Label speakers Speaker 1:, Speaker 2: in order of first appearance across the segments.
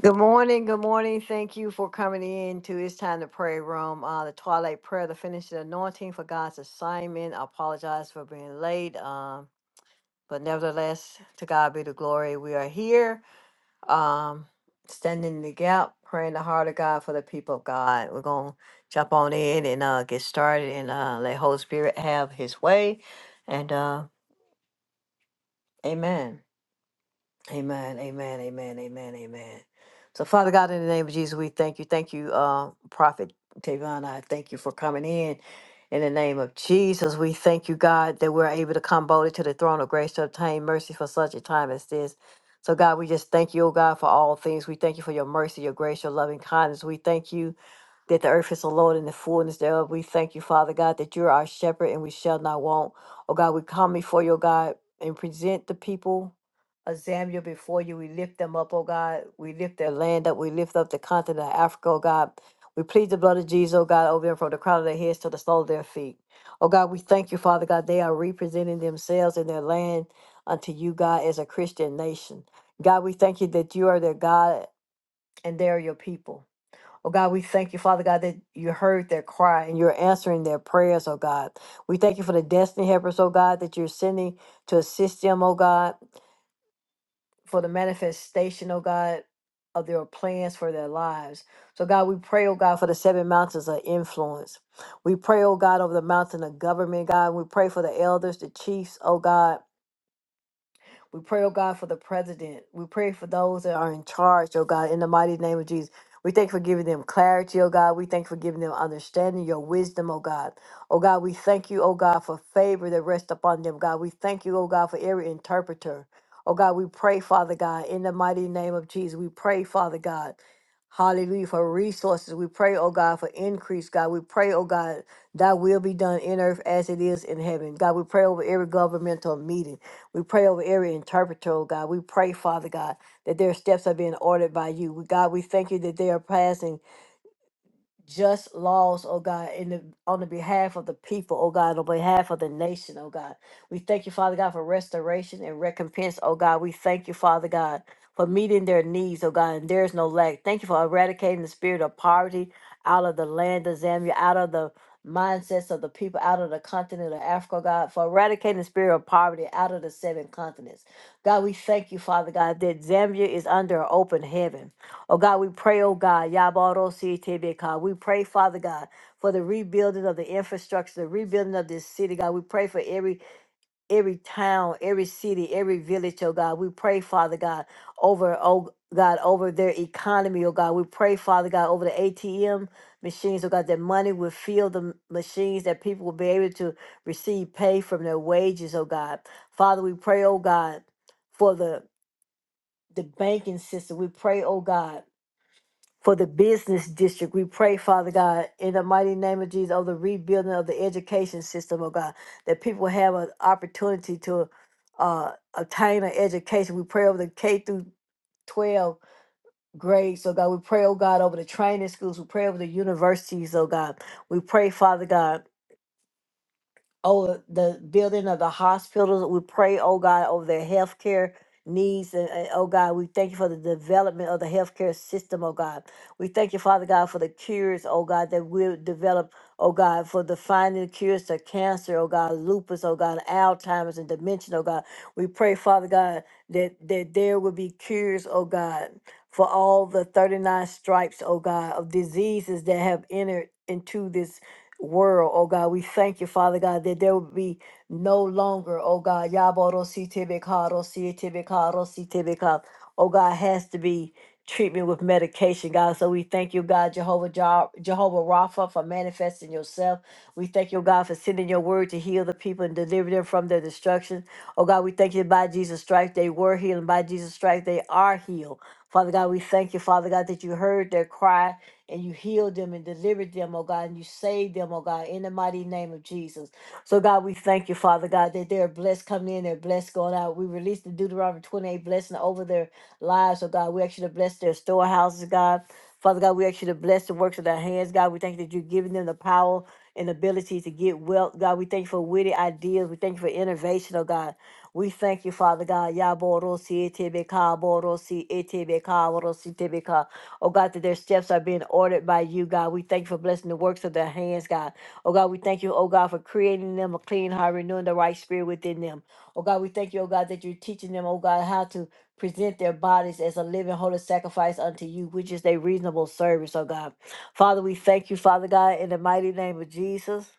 Speaker 1: Good morning. Good morning. Thank you for coming in to It's Time to Pray Room. Uh, the Twilight Prayer, the finishing anointing for God's assignment. I apologize for being late. Um, But nevertheless, to God be the glory. We are here, um, standing in the gap, praying the heart of God for the people of God. We're gonna jump on in and uh, get started and uh, let Holy Spirit have His way. And uh, Amen. Amen. Amen. Amen. Amen. Amen. So, Father God, in the name of Jesus, we thank you. Thank you, uh, Prophet Tavon. I thank you for coming in. In the name of Jesus, we thank you, God, that we're able to come boldly to the throne of grace to obtain mercy for such a time as this. So, God, we just thank you, oh God, for all things. We thank you for your mercy, your grace, your loving kindness. We thank you that the earth is the Lord and the fullness thereof. We thank you, Father God, that you're our shepherd and we shall not want. Oh God, we come before you, oh God, and present the people of Zambia before you. We lift them up, oh God. We lift their land up. We lift up the continent of Africa, oh God. We plead the blood of Jesus, oh God, over them from the crown of their heads to the sole of their feet. Oh God, we thank you, Father God. They are representing themselves and their land unto you, God, as a Christian nation. God, we thank you that you are their God and they are your people. Oh God, we thank you, Father God, that you heard their cry and you're answering their prayers, oh God. We thank you for the destiny helpers, oh God, that you're sending to assist them, oh God, for the manifestation, oh God, of their plans for their lives. So God, we pray, oh God, for the seven mountains of influence. We pray, oh God, over the mountain of government, God. We pray for the elders, the chiefs, oh God. We pray, oh God, for the president. We pray for those that are in charge, oh God, in the mighty name of Jesus. We thank you for giving them clarity, oh God. We thank you for giving them understanding, your wisdom, oh God. Oh God, we thank you, oh God, for favor that rests upon them, God. We thank you, oh God, for every interpreter. Oh God, we pray, Father God, in the mighty name of Jesus. We pray, Father God. Hallelujah. For resources. We pray, oh God, for increase, God. We pray, oh God, thy will be done in earth as it is in heaven. God, we pray over every governmental meeting. We pray over every interpreter, oh God. We pray, Father God, that their steps are being ordered by you. We- God, we thank you that they are passing just laws, oh God, in the, on the behalf of the people, oh God, on behalf of the nation, oh God. We thank you, Father God, for restoration and recompense, oh God. We thank you, Father God, for meeting their needs, oh God, and there is no lack. Thank you for eradicating the spirit of poverty out of the land of Zambia, out of the mindsets of the people, out of the continent of Africa, oh God, for eradicating the spirit of poverty out of the seven continents. God, we thank you, Father God, that Zambia is under an open heaven. Oh God, we pray, oh God, Yabarositebeka. we pray, Father God, for the rebuilding of the infrastructure, the rebuilding of this city, God. We pray for every every town, every city, every village, oh God. We pray, Father God, over oh God, over their economy, oh God. We pray, Father God, over the ATM machines, oh God, that money will fill the machines, that people will be able to receive pay from their wages, oh God. Father, we pray, oh God, for the the banking system. We pray, oh God for the business district. We pray, Father God, in the mighty name of Jesus, of the rebuilding of the education system, oh God, that people have an opportunity to uh, obtain an education. We pray over the K through 12 grades, oh God. We pray, oh God, over the training schools. We pray over the universities, oh God. We pray, Father God over the building of the hospitals. We pray, oh God, over their healthcare needs. And, and, oh God, we thank you for the development of the healthcare system, oh God. We thank you, Father God, for the cures, oh God, that we'll develop, oh God, for the finding cures to cancer, oh God, lupus, oh God, Alzheimer's and dementia, oh God. We pray, Father God, that, that there will be cures, oh God, for all the 39 stripes, oh God, of diseases that have entered into this world, oh God. We thank you, Father God, that there will be no longer, oh God, Yaboro si tibikaro si tibikaro si tibikaro. Oh God, has to be treatment with medication, God. So we thank you, God, Jehovah Jah- Jehovah Rapha, for manifesting yourself. We thank you, God, for sending your word to heal the people and deliver them from their destruction. Oh God, we thank you by Jesus' stripes they were healed, and by Jesus' stripes they are healed. Father God, we thank you, Father God, that you heard their cry and you healed them and delivered them, oh God, and you saved them, oh God, in the mighty name of Jesus. So, God, we thank you, Father God, that they're blessed coming in, they're blessed going out. We release the Deuteronomy 28 blessing over their lives, oh God. We actually bless their storehouses, God. Father God, we actually bless the works of their hands, God. We thank you that you're giving them the power and ability to get wealth, God. We thank you for witty ideas. We thank you for innovation, oh God. We thank you, Father God. Yaborosi etebe kaborosi etebe kaborosi tebe Oh God, that their steps are being ordered by you, God. We thank you for blessing the works of their hands, God. Oh God, we thank you, oh God, for creating them a clean heart, renewing the right spirit within them. Oh God, we thank you, oh God, that you're teaching them, oh God, how to present their bodies as a living holy sacrifice unto you, which is their reasonable service, oh God. Father, we thank you, Father God, in the mighty name of Jesus.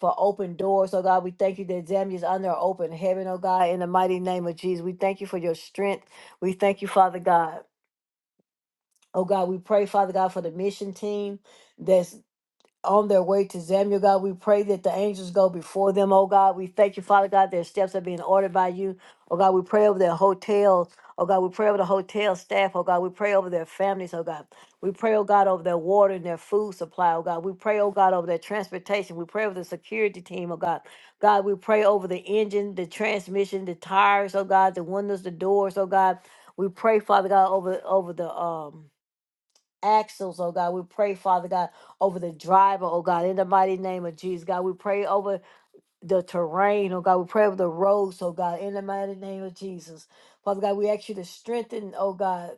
Speaker 1: For open doors, oh God, we thank you that Zambia is under open heaven, oh God, in the mighty name of Jesus. We thank you for your strength. We thank you, Father God. Oh God, we pray, Father God, for the mission team that's on their way to Zambia, God. We pray that the angels go before them, oh God. We thank you, Father God, their steps are being ordered by you. Oh God, we pray over their hotels. Oh God, we pray over the hotel staff. Oh God, we pray over their families. Oh God, we pray, oh God, over their water and their food supply. Oh God, we pray, oh God, over their transportation. We pray over the security team. Oh God, God, we pray over the engine, the transmission, the tires. Oh God, the windows, the doors. Oh God, we pray, Father God, over over the um axles, oh God. We pray, Father God, over the driver, oh God, in the mighty name of Jesus, God. We pray over the terrain, oh God. We pray over the roads, oh God, in the mighty name of Jesus. Father God, we ask you to strengthen, oh God.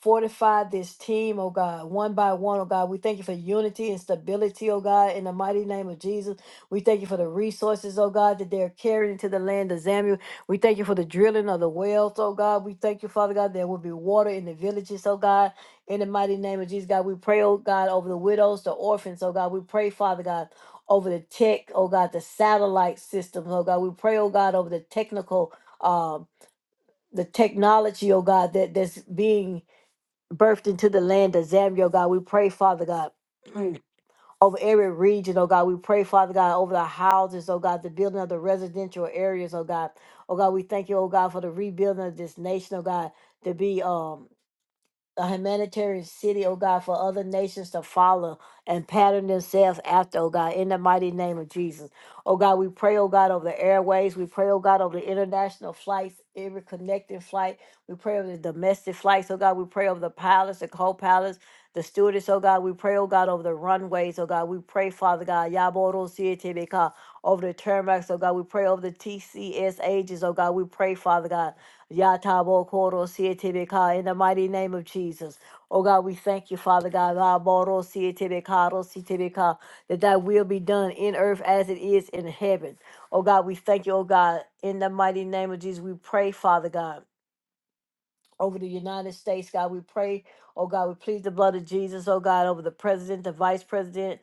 Speaker 1: Fortify this team, oh God, one by one, oh God. We thank you for unity and stability, oh God, in the mighty name of Jesus. We thank you for the resources, oh God, that they're carrying into the land of Zambia. We thank you for the drilling of the wells, oh God. We thank you, Father God, there will be water in the villages, oh God. In the mighty name of Jesus, God, we pray, oh God, over the widows, the orphans, oh God. We pray, Father God, over the tech, oh God, the satellite systems, oh God. We pray, oh God, over the technical, um, the technology, oh God, that that's being birthed into the land of Zambia, oh God. We pray, Father God, over every region, oh God. We pray, Father God, over the houses, oh God, the building of the residential areas, oh God. Oh God, we thank you, oh God, for the rebuilding of this nation, oh God, to be um a humanitarian city, oh God, for other nations to follow and pattern themselves after, oh God, in the mighty name of Jesus. Oh God, we pray, oh God, over the airways. We pray, oh God, over the international flights, every connecting flight. We pray over the domestic flights, oh God. We pray over the pilots, the co pilots, the stewardess, oh God. We pray, oh God, over the runways, oh God. We pray, Father God, Yaboro Sietebeka, over the tarmacs, oh God. We pray over the TCS ages, oh God. We pray, Father God. Yatabo Koro Sietibika, in the mighty name of Jesus. Oh God, we thank you, Father God. Raboro Sietibika, Ro Sietibika, That thy will be done in earth as it is in heaven. Oh God, we thank you, oh God, in the mighty name of Jesus. We pray, Father God over the United States. God, we pray. Oh God, we plead the blood of Jesus. Oh God, over the president, the vice president,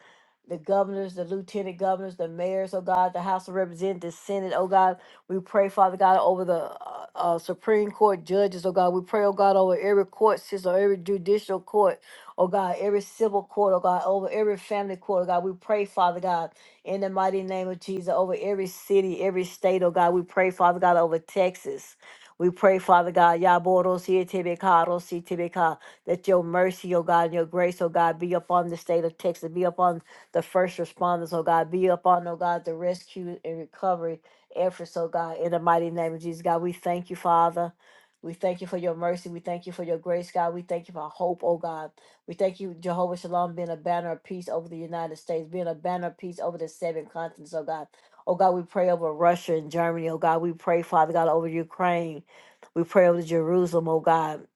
Speaker 1: the governors, the lieutenant governors, the mayors. Oh God, the House of Representatives, Senate. Oh God, we pray, Father God, over the uh, uh, Supreme Court judges. Oh God, we pray. Oh God, over every court system, every judicial court. Oh God, every civil court. Oh God, over every family court. Oh God, we pray, Father God, in the mighty name of Jesus, over every city, every state. Oh God, we pray, Father God, over Texas. We pray, Father God, Yaborositibikaarositibika, that your mercy, oh God, and your grace, oh God, be upon the state of Texas, be upon the first responders, oh God, be upon, oh God, the rescue and recovery efforts, oh God, in the mighty name of Jesus, God. We thank you, Father. We thank you for your mercy. We thank you for your grace, God. We thank you for hope, oh God. We thank you, Jehovah Shalom, being a banner of peace over the United States, being a banner of peace over the seven continents, oh God. Oh God, we pray over Russia and Germany. Oh God, we pray, Father God, over Ukraine. We pray over Jerusalem, oh God,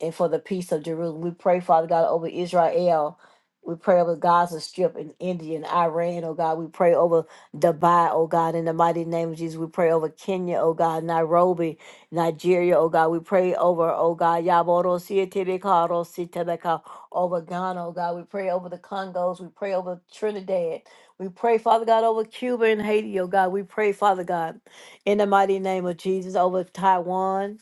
Speaker 1: and for the peace of Jerusalem. We pray, Father God, over Israel. We pray over Gaza Strip and India and Iran, oh God. We pray over Dubai, oh God, in the mighty name of Jesus. We pray over Kenya, oh God, Nairobi, Nigeria, oh God. We pray over, oh God, Yaboro Sietebekaro Sitebeka, over Ghana, oh God. We pray over the Congos. We pray over Trinidad. We pray, Father God, over Cuba and Haiti, oh God. We pray, Father God, in the mighty name of Jesus, over Taiwan.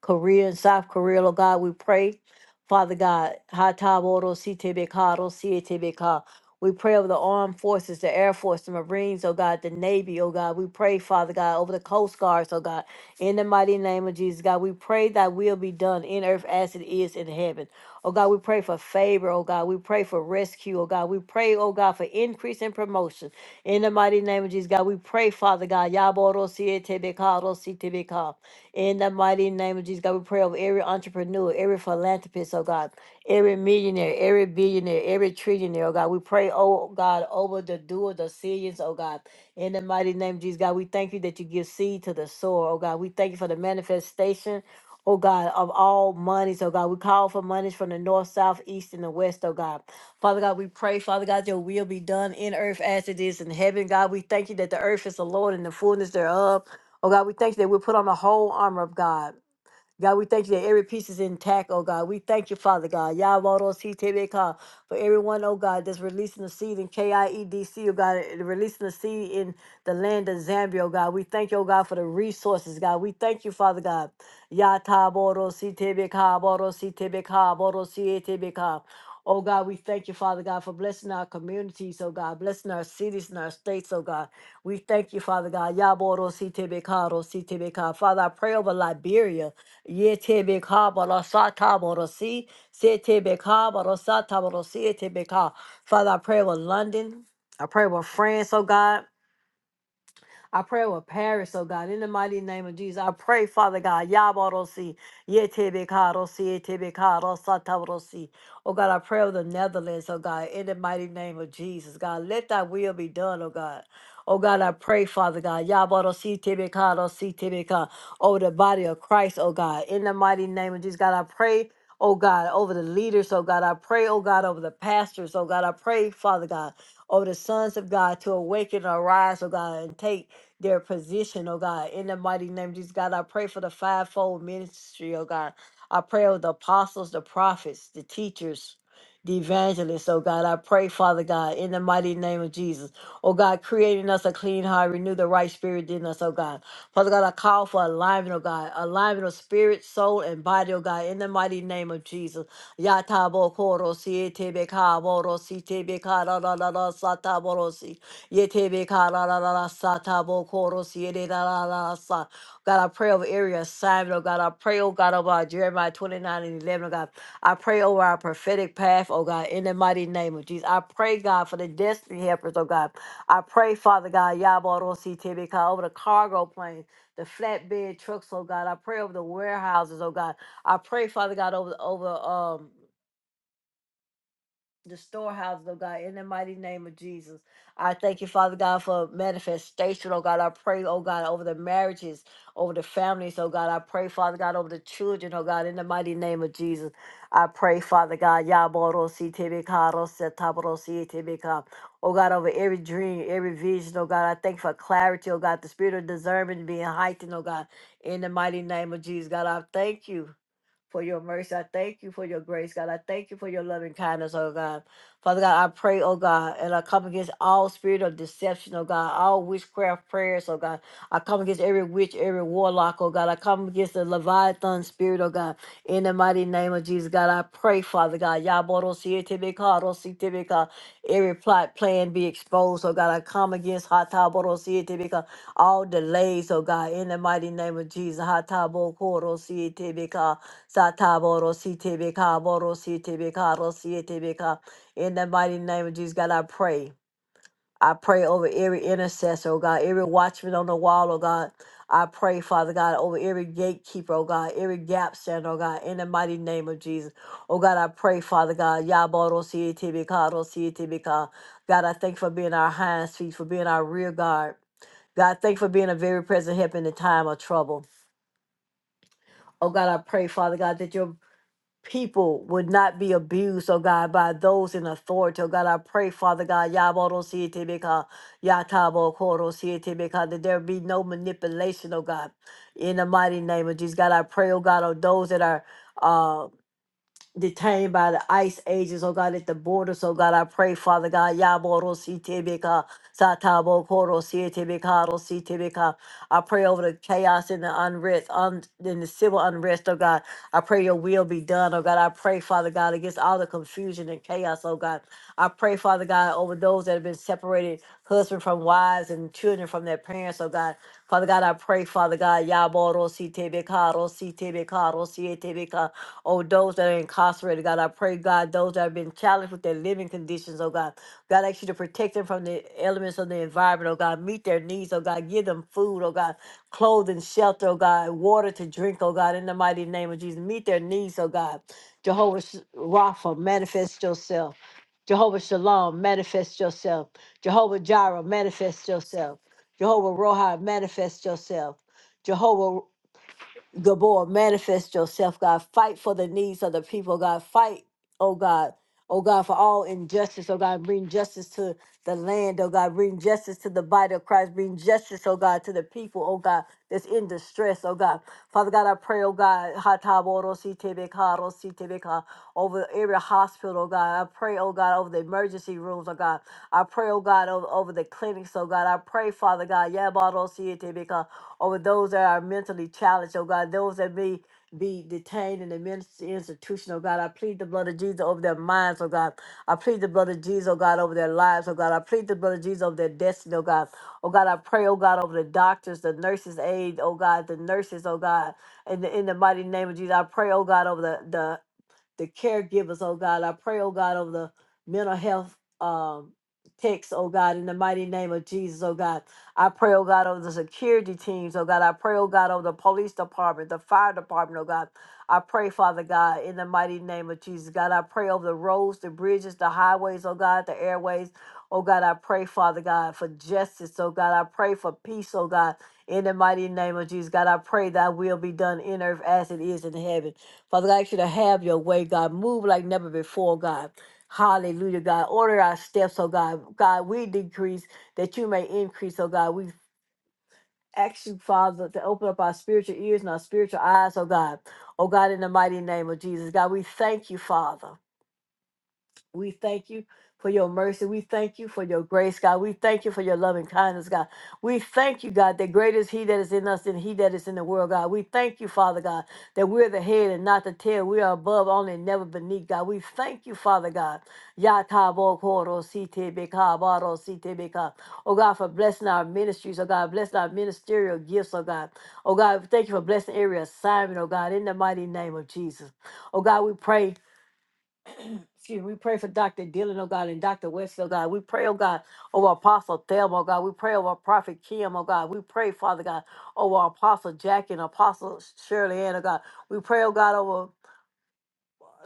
Speaker 1: Korea and South Korea, Lord God, we pray. Father God, Hataboro Sitebekaro Sietebeka. We pray over the armed forces, the Air Force, the Marines, oh God, the Navy, oh God. We pray, Father God, over the Coast Guards, oh God. In the mighty name of Jesus, God, we pray that will be done in earth as it is in heaven. Oh God, we pray for favor, oh God. We pray for rescue, oh God. We pray, oh God, for increase and promotion. In the mighty name of Jesus, God, we pray, Father God. Yaboro siete bekaro sitebeka. In the mighty name of Jesus, God, we pray over every entrepreneur, every philanthropist, oh God, every millionaire, every billionaire, every trillionaire, oh God. We pray, oh God, over the doer, the decisions, oh God. In the mighty name of Jesus, God, we thank you that you give seed to the sower, oh God. We thank you for the manifestation. Oh God, of all monies, oh God, we call for monies from the north, south, east, and the west, oh God. Father God, we pray, Father God, your will be done in earth as it is in heaven. God, we thank you that the earth is the Lord and the fullness thereof Oh God, we thank you that we put on the whole armor of God God, we thank you that every piece is intact, oh God. We thank you, Father God. Yavarositebeka, For everyone, oh God, that's releasing the seed in KIEDC, oh God, and releasing the seed in the land of Zambia, oh God. We thank you, oh God, for the resources, God. We thank you, Father God. Yataborositebeka, borositebeka, borosietebeka. Oh God, we thank you, Father God, for blessing our communities, oh God, blessing our cities and our states, oh God. We thank you, Father God. Yaboro Father, I pray over Liberia. Yete beka barasata borosi. Sete beka barasata borosi. Yete beka. Father, I pray with London. I pray with France, oh God. I pray with Paris, perish, oh God, in the mighty name of Jesus. I pray, Father God, Yabarosi, Yetebekarosi, Yetebekarosi, Oh God, I pray with the Netherlands, oh God, in the mighty name of Jesus, God. Let thy will be done, oh God. Oh God, I pray, Father God, Yabarosi, Tebekarosi, Tebeka, over the body of Christ, oh God, in the mighty name of Jesus, God. I pray. Oh God, over the leaders, oh God, I pray, oh God, over the pastors, oh God, I pray, Father God, over the sons of God to awaken and arise, oh God, and take their position, oh God. In the mighty name of Jesus, God, I pray for the fivefold ministry, oh God. I pray over the apostles, the prophets, the teachers, the evangelists, oh God. I pray, Father God, in the mighty name of Jesus. Oh God, creating us a clean heart, renew the right spirit in us, oh God. Father God, I call for alignment, oh God. Alignment of spirit, soul, and body, oh God, in the mighty name of Jesus. Yatabokoro siete bekaboro siete bekara la la la sataboro si. Yetebe kararara satabo koro siererarara sa. God, I pray over area assignment, oh God. I pray, oh God, over our Jeremiah 29 and 11, oh God. I pray over our prophetic path, oh God, in the mighty name of Jesus. I pray, God, for the destiny helpers, oh God. I pray, Father God, Yaborosi Tebeka, over the cargo planes, the flatbed trucks, oh God. I pray over the warehouses, oh God. I pray, Father God, over over um the storehouse, oh God, in the mighty name of Jesus. I thank you, Father God, for manifestation, oh God. I pray, oh God, over the marriages, over the families, oh God. I pray, Father God, over the children, oh God, in the mighty name of Jesus. I pray, Father God, Yaborosi Tibika, Rosetaborosi Tibika. Oh God, over every dream, every vision, oh God, I thank you for clarity, oh God, the spirit of discernment being heightened, oh God, in the mighty name of Jesus. God, I thank you for your mercy. I thank you for your grace, God. I thank you for your loving kindness, oh God. Father God, I pray, oh God, and I come against all spirit of deception, oh God, all witchcraft prayers, oh God. I come against every witch, every warlock, oh God. I come against the Leviathan spirit, oh God. In the mighty name of Jesus, God, I pray, Father God. Yaborosietemika, Every plot, plan be exposed, oh God. I come against Hataborosietemika, all delays, oh God. In the mighty name of Jesus. Hatabokorosietemika. Sataboro CTBK, Boro CTBK, Ro CTBK. In the mighty name of Jesus, God, I pray. I pray over every intercessor, oh God, every watchman on the wall, oh God. I pray, Father God, over every gatekeeper, oh God, every gap stand, oh God, in the mighty name of Jesus. Oh God, I pray, Father God, Yaboro CTBK, Ro CTBK. God, I thank you for being our hinds feet, for being our rear guard. God, thank you for being a very present help in the time of trouble. Oh God, I pray, Father God, that your people would not be abused, oh God, by those in authority. Oh God, I pray, Father God, Yaboro Sietibika, Yatabo Koro Sietibika, that there be no manipulation, oh God, in the mighty name of Jesus. God, I pray, oh God, on those that are. uh, detained by the ICE agents, oh God, at the border. oh God, I pray, Father God, Yaboro Sitibika, Satabo Koro Sitibika, Sitibika. I pray over the chaos and the unrest, un, and the civil unrest, oh God. I pray your will be done, oh God. I pray, Father God, against all the confusion and chaos, oh God. I pray, Father God, over those that have been separated, husband from wives and children from their parents, oh God. Father God, I pray, Father God, Yaboro Sitibika, Sitibika, Sitibika. Oh, those that are incarcerated, God, I pray, God, those that have been challenged with their living conditions, oh God. God, I ask you to protect them from the elements of the environment, oh God. Meet their needs, oh God. Give them food, oh God. Clothing, shelter, oh God. Water to drink, oh God. In the mighty name of Jesus, meet their needs, oh God. Jehovah Sh- Rapha, manifest yourself. Jehovah Shalom, manifest yourself. Jehovah Jireh, manifest yourself. Jehovah Rohi, manifest yourself. Jehovah. Gabor, manifest yourself, God. Fight for the needs of the people, God. Fight, oh God. Oh God, for all injustice, oh God, bring justice to the land, oh God, bring justice to the body of Christ, bring justice, oh God, to the people, oh God, that's in distress, oh God. Father God, I pray, oh God, hatabodositebeka, Rositebeka, over every hospital, oh God. I pray, oh God, over the emergency rooms, oh God. I pray, oh God, over, over the clinics, oh God. I pray, Father God, yabadosi over those that are mentally challenged, oh God, those that may be detained in the ministry institution, oh God. I plead the blood of Jesus over their minds, oh God. I plead the blood of Jesus, oh God, over their lives, oh God. I plead the blood of Jesus over their destiny, oh God. Oh God, I pray, oh God, over the doctors, the nurses' aid, oh God, the nurses, oh God. In the, in the mighty name of Jesus, I pray, oh God, over the, the caregivers, oh God. I pray, oh God, over the mental health um text, oh God, in the mighty name of Jesus, oh God. I pray, oh God, over the security teams, oh God. I pray, oh God, over the police department, the fire department, oh God. I pray, Father God, in the mighty name of Jesus, God. I pray over the roads, the bridges, the highways, oh God, the airways. Oh God, I pray, Father God, for justice. Oh God, I pray for peace. Oh God, in the mighty name of Jesus, God, I pray thy will be done in earth as it is in heaven. Father God, I ask you to have your way, God. Move like never before, God. Hallelujah, God. Order our steps, oh God. God, we decrease that you may increase, oh God. We ask you, Father, to open up our spiritual ears and our spiritual eyes, oh God. Oh God, in the mighty name of Jesus, God, we thank you, Father. We thank you for your mercy. We thank you for your grace, God. We thank you for your loving kindness, God. We thank you, God, that greater is He that is in us than He that is in the world, God. We thank you, Father God, that we're the head and not the tail. We are above only and never beneath, God. We thank you, Father God. Ya Ta Yakabo koro site beka baro site beka. Oh God, for blessing our ministries, oh God, blessing our ministerial gifts, oh God. Oh God, thank you for blessing every assignment, oh God, in the mighty name of Jesus. Oh God, we pray excuse me, we pray for Dr. Dillon, oh God, and Dr. West, oh God. We pray, oh God, over Apostle Thelma, oh God. We pray over Prophet Kim, oh God. We pray, Father God, over Apostle Jack and Apostle Shirley Ann, oh God. We pray, oh God, over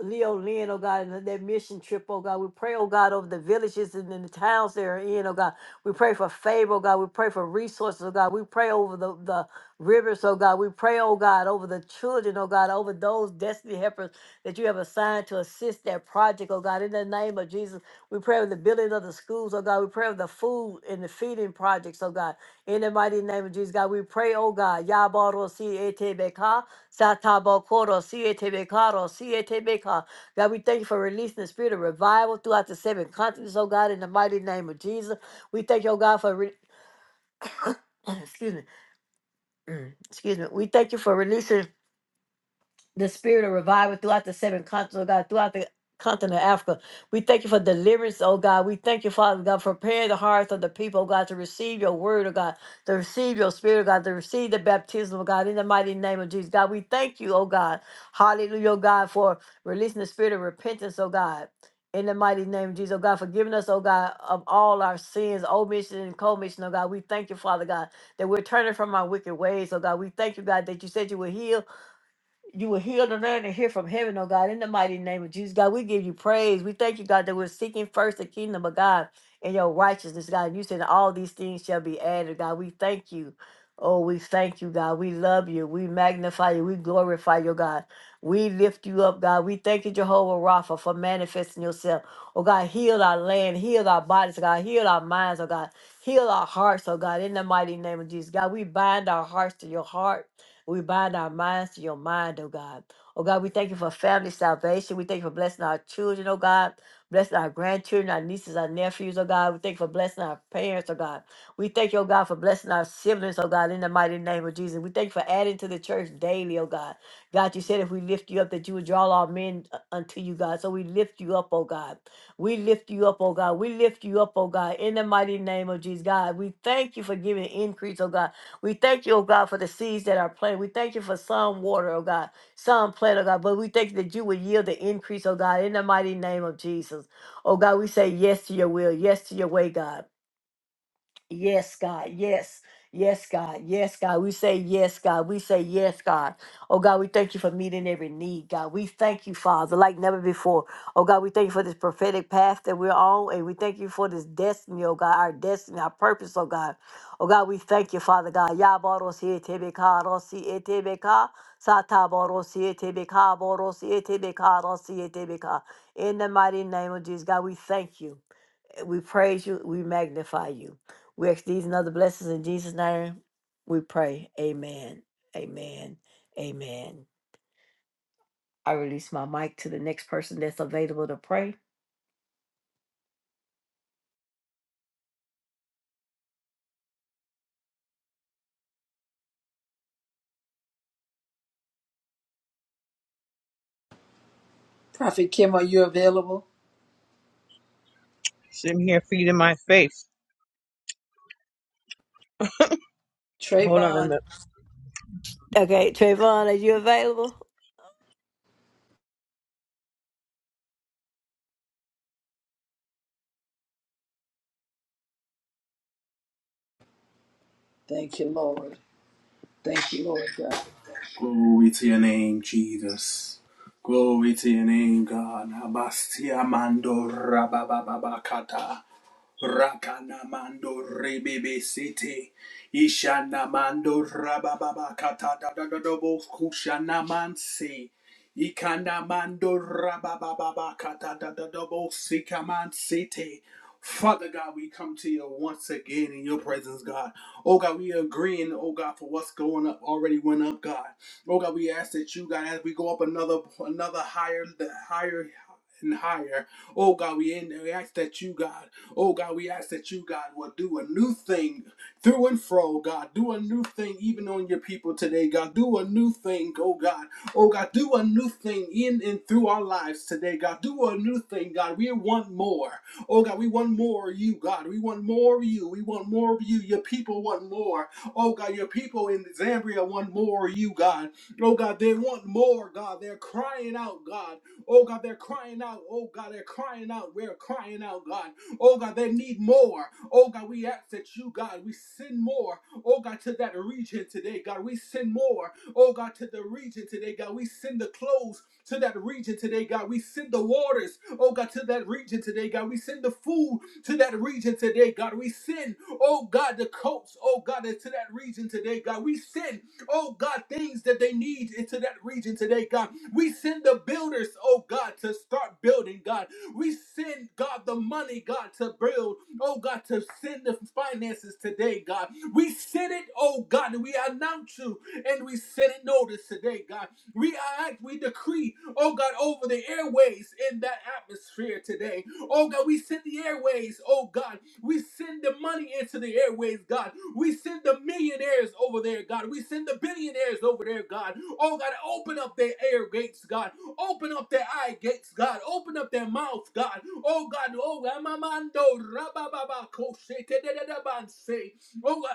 Speaker 1: Leo Lynn, oh God, and that mission trip, oh God. We pray, oh God, over the villages and in the towns they're in, oh God. We pray for favor, oh God. We pray for resources, oh God. We pray over the, the rivers, oh God. We pray, oh God, over the children, oh God, over those destiny helpers that you have assigned to assist that project, oh God. In the name of Jesus, we pray over the building of the schools, oh God. We pray over the food and the feeding projects, oh God. In the mighty name of Jesus, God, we pray, oh God. Yabaro si ete beka. Satabokoro, Sietebekaro, Sietebeka. God, we thank you for releasing the spirit of revival throughout the seven continents, oh God, in the mighty name of Jesus. We thank you, oh God, for, re- excuse me, excuse me. We thank you for releasing the spirit of revival throughout the seven continents, oh God, throughout the continent of Africa. We thank you for deliverance, oh God. We thank you, Father God, for preparing the hearts of the people, oh God, to receive your word, oh God, to receive your spirit, oh God, to receive the baptism, oh God, in the mighty name of Jesus. God, we thank you, oh God. Hallelujah, oh God, for releasing the spirit of repentance, oh God. In the mighty name of Jesus, oh God, forgiving us, oh God, of all our sins, omission and commission, oh God. We thank you, Father God, that we're turning from our wicked ways, oh God. We thank you, God, that you said you would heal you will heal the land and hear from heaven, oh God, in the mighty name of Jesus. God, we give you praise. We thank you, God, that we're seeking first the kingdom of God and your righteousness, God. And you said all these things shall be added, God. We thank you. Oh, we thank you, God. We love you. We magnify you. We glorify you, God. We lift you up, God. We thank you, Jehovah Rapha, for manifesting yourself. Oh, God, heal our land, heal our bodies, God, heal our minds, oh, God, heal our hearts, oh, God, in the mighty name of Jesus. God, we bind our hearts to your heart. We bind our minds to your mind, oh God. Oh God, we thank you for family salvation. We thank you for blessing our children, oh God. Blessing our grandchildren, our nieces, our nephews, oh God. We thank you for blessing our parents, oh God. We thank you, oh God, for blessing our siblings, oh God, in the mighty name of Jesus. We thank you for adding to the church daily, oh God. God, you said if we lift you up, that you would draw all men uh, unto you, God. So we lift you up, oh God. We lift you up, oh God. We lift you up, oh God, in the mighty name of Jesus, God. We thank you for giving increase, oh God. We thank you, oh God, for the seeds that are planted. We thank you for some water, oh God, some plant, oh God. But we thank you that you would yield the increase, oh God, in the mighty name of Jesus. Oh God, we say yes to your will, yes to your way, God. Yes, God. Yes. Yes, God. Yes, God. We say yes, God. We say yes, God. Oh, God, we thank you for meeting every need, God. We thank you, Father, like never before. Oh, God, we thank you for this prophetic path that we're on, and we thank you for this destiny, oh, God, our destiny, our purpose, oh, God. Oh, God, we thank you, Father, God. Yaborosi etebeka, rosi etebeka, sataborosi etebeka, borosi etebeka, rosi etebeka. In the mighty name of Jesus, God, we thank you. We praise you. We magnify you. We ask these and other blessings in Jesus' name. We pray. Amen. Amen. Amen. I release my mic to the next person that's available to pray.
Speaker 2: Prophet Kim, are you available?
Speaker 3: Sitting here feeding my faith. Hold on a
Speaker 2: Trayvon,
Speaker 3: minute.
Speaker 1: Okay, Trayvon, are you available?
Speaker 2: thank you, Lord. Thank you, Lord God.
Speaker 4: Glory to your name, Jesus. Glory to your name, God. Abastia mandora rabababakata. Rakanamando rebebe sete. Ishanamando rabababa kata da da da da bo kushanamanse. Ikanamando rabababa kata da da da bo sikamansete. Father God, we come to you once again in your presence, God. Oh God, we agreeing, oh God, for what's going up already went up, God. Oh God, we ask that you, God, as we go up another another higher, the higher and higher. Oh God, we, in we ask that you, God. Oh God, we ask that you, God, will do a new thing through and fro, God. Do a new thing even on your people today, God. Do a new thing, oh God. Oh God, do a new thing in and through our lives today, God. Do a new thing, God. We want more. Oh God, we want more of you, God. We want more of you. We want more of you. Your people want more. Oh God, your people in Zambia want more of you, God. Oh God, they want more, God. They're crying out, God. Oh God, they're crying out. Oh God, they're crying out. We're crying out, God. Oh God, they need more. Oh God, we ask that you, God, we send more. Oh God, to that region today, God, we send more. Oh God, to the region today, God, we send the clothes to that region today, God. We send the waters, oh God, to that region today, God. We send the food to that region today, God. We send, oh God, the coats, oh God, to that region today, God. We send, oh God, things that they need into that region today, God. We send the builders, oh God, to start building, God. We send, God, the money, God, to build, oh God, to send the finances today, God. We send it, oh God, and we announce you and we send it notice today, God. We act, we decree, oh God, over the airways in that atmosphere today. Oh God, we send the airways, oh God. We send the money into the airways, God. We send the millionaires over there, God. We send the billionaires over there, God. Oh, God, open up their air gates, God. Open up their eye gates, God. Open up their mouth, God. Oh, God. Oh, Ramamando, Rabababa, Koshe, Tedededabanse. Oh, God.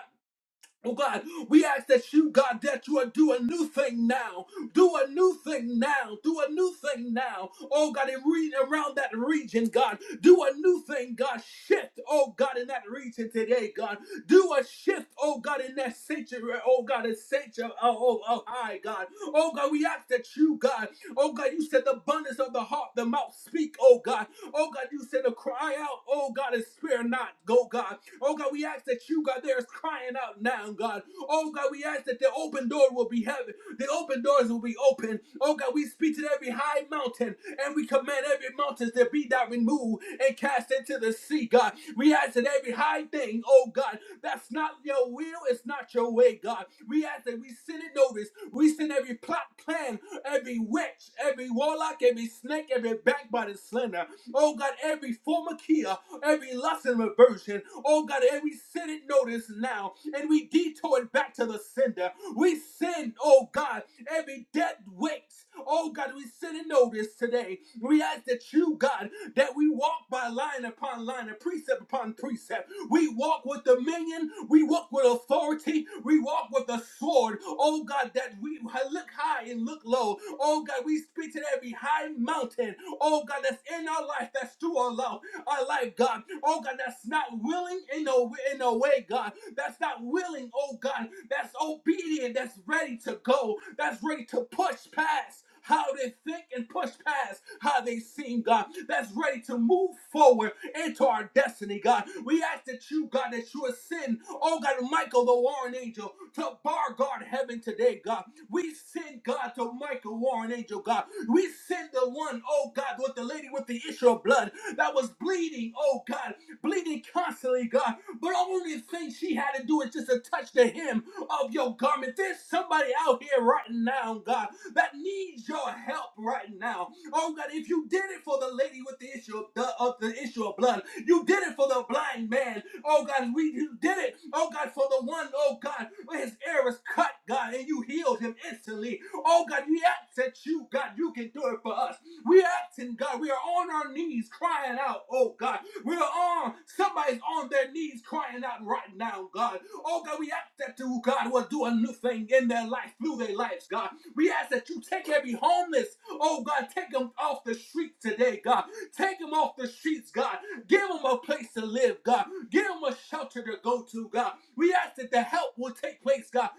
Speaker 4: Oh God, we ask that you, God, that you would do a new thing now. Do a new thing now. Do a new thing now. Oh God, and read around that region, God. Do a new thing, God. Shift, oh God, in that region today, God. Do a shift, oh God, in that sanctuary, oh God, in sanctuary, oh, oh, oh, high, God. Oh God, we ask that you, God, oh God, you said the abundance of the heart, the mouth speak, oh God. Oh God, you said to cry out, oh God, and spare not, go God. Oh God, we ask that you, God, there is crying out now, God. Oh God, we ask that the open door will be heaven. The open doors will be open. Oh God, we speak to every high mountain and we command every mountain to be that removed and cast into the sea, God. We ask that every high thing, oh God, that's not your will, it's not your way, God. We ask that we send it notice. We send every plot, plan, every witch, every warlock, every snake, every backbiting slender. Oh God, every formakia, every lust and reversion. Oh God, every sin it notice now, and we detour it back to the sender. We send, oh God, every dead weight. Oh God, we send it notice today. We ask that you, God, that we we walk by line upon line and precept upon precept. We walk with dominion. We walk with authority. We walk with the sword. Oh God, that we look high and look low. Oh God, we speak to every high mountain. Oh God, that's in our life, that's through our life our life, God. Oh God, that's not willing in no in no way, God. That's not willing, oh God. That's obedient. That's ready to go. That's ready to push past. How they think and push past how they seem, God. That's ready to move forward into our destiny, God. We ask that you, God, that you ascend, oh God, Michael, the warring angel, to bar guard heaven today, God. We send, God, to Michael, warring angel, God. We send the one, oh God, with the lady with the issue of blood that was bleeding, oh God, bleeding constantly, God. But only thing she had to do is just to touch the hem of your garment. There's somebody out here right now, God, that needs your help right now. Oh God, if you did it for the lady with the issue of the, of the issue of blood, you did it for the blind man. Oh God, we you did it. Oh God, for the one, oh God, where his ear was cut, God, and you healed him instantly. Oh God, we ask that you, God, you can do it for us. We asking God, we are on our knees crying out, oh God. We are on, somebody's on their knees crying out right now, God. Oh God, we ask that you, God, will do a new thing in their life, through their lives, God. We ask that you take every homeless Oh God, take them off the streets today, God. Take them off the streets, God. Give them a place to live, God. Give them a shelter to go to, God. We ask that the help will take place, God.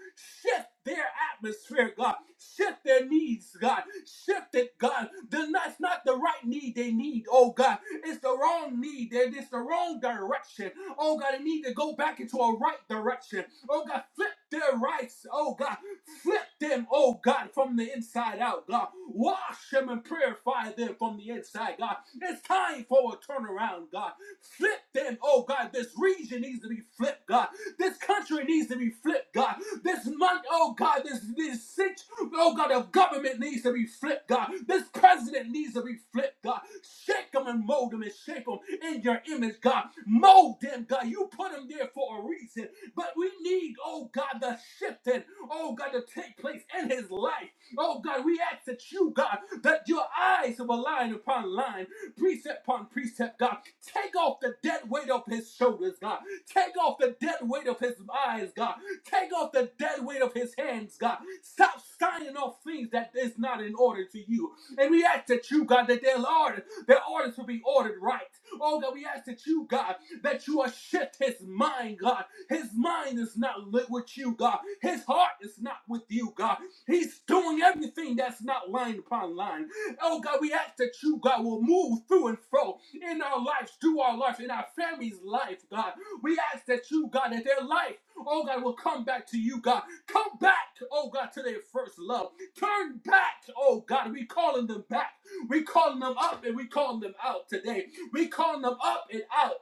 Speaker 4: Shift their atmosphere, God. Shift their needs, God. Shift it, God. The- That's not the right need they need, oh God. It's the wrong need. They- It's the wrong direction. Oh God, they need to go back into a right direction. Oh God, flip their rights, oh God. Flip them, oh God. God, from the inside out, God. Wash them and purify them from the inside, God. It's time for a turnaround, God. Flip them, oh God. This region needs to be flipped, God. This country needs to be flipped, God. This month, oh God, this this sit- oh God, of government needs to be flipped, God. This president needs to be flipped, God. Shake them and mold them and shape them in your image, God. Mold them, God. You put them there for a reason. But we need, oh God, the shifting, oh God, to take place in his life. Oh God, we ask that you, God, that your eyes will line upon line, precept upon precept, God. Take off the dead weight of his shoulders, God. Take off the dead weight of his eyes, God. Take off the dead weight of his hands, God. Stop signing off things that is not in order to you. And we ask that you, God, that their orders, their orders will be ordered right. Oh God, we ask that you, God, that you will shift his mind, God. His mind is not lit with you, God. His heart is not with you, God. He's doing everything that's not line upon line. Oh God, we ask that you, God, will move through and fro in our lives, through our lives, in our family's life, God. We ask that you, God, that their life, oh God, will come back to you, God. Come back, oh God, to their first love. Turn back, oh God. We calling them back. We calling them up and we calling them out today. We calling them up and out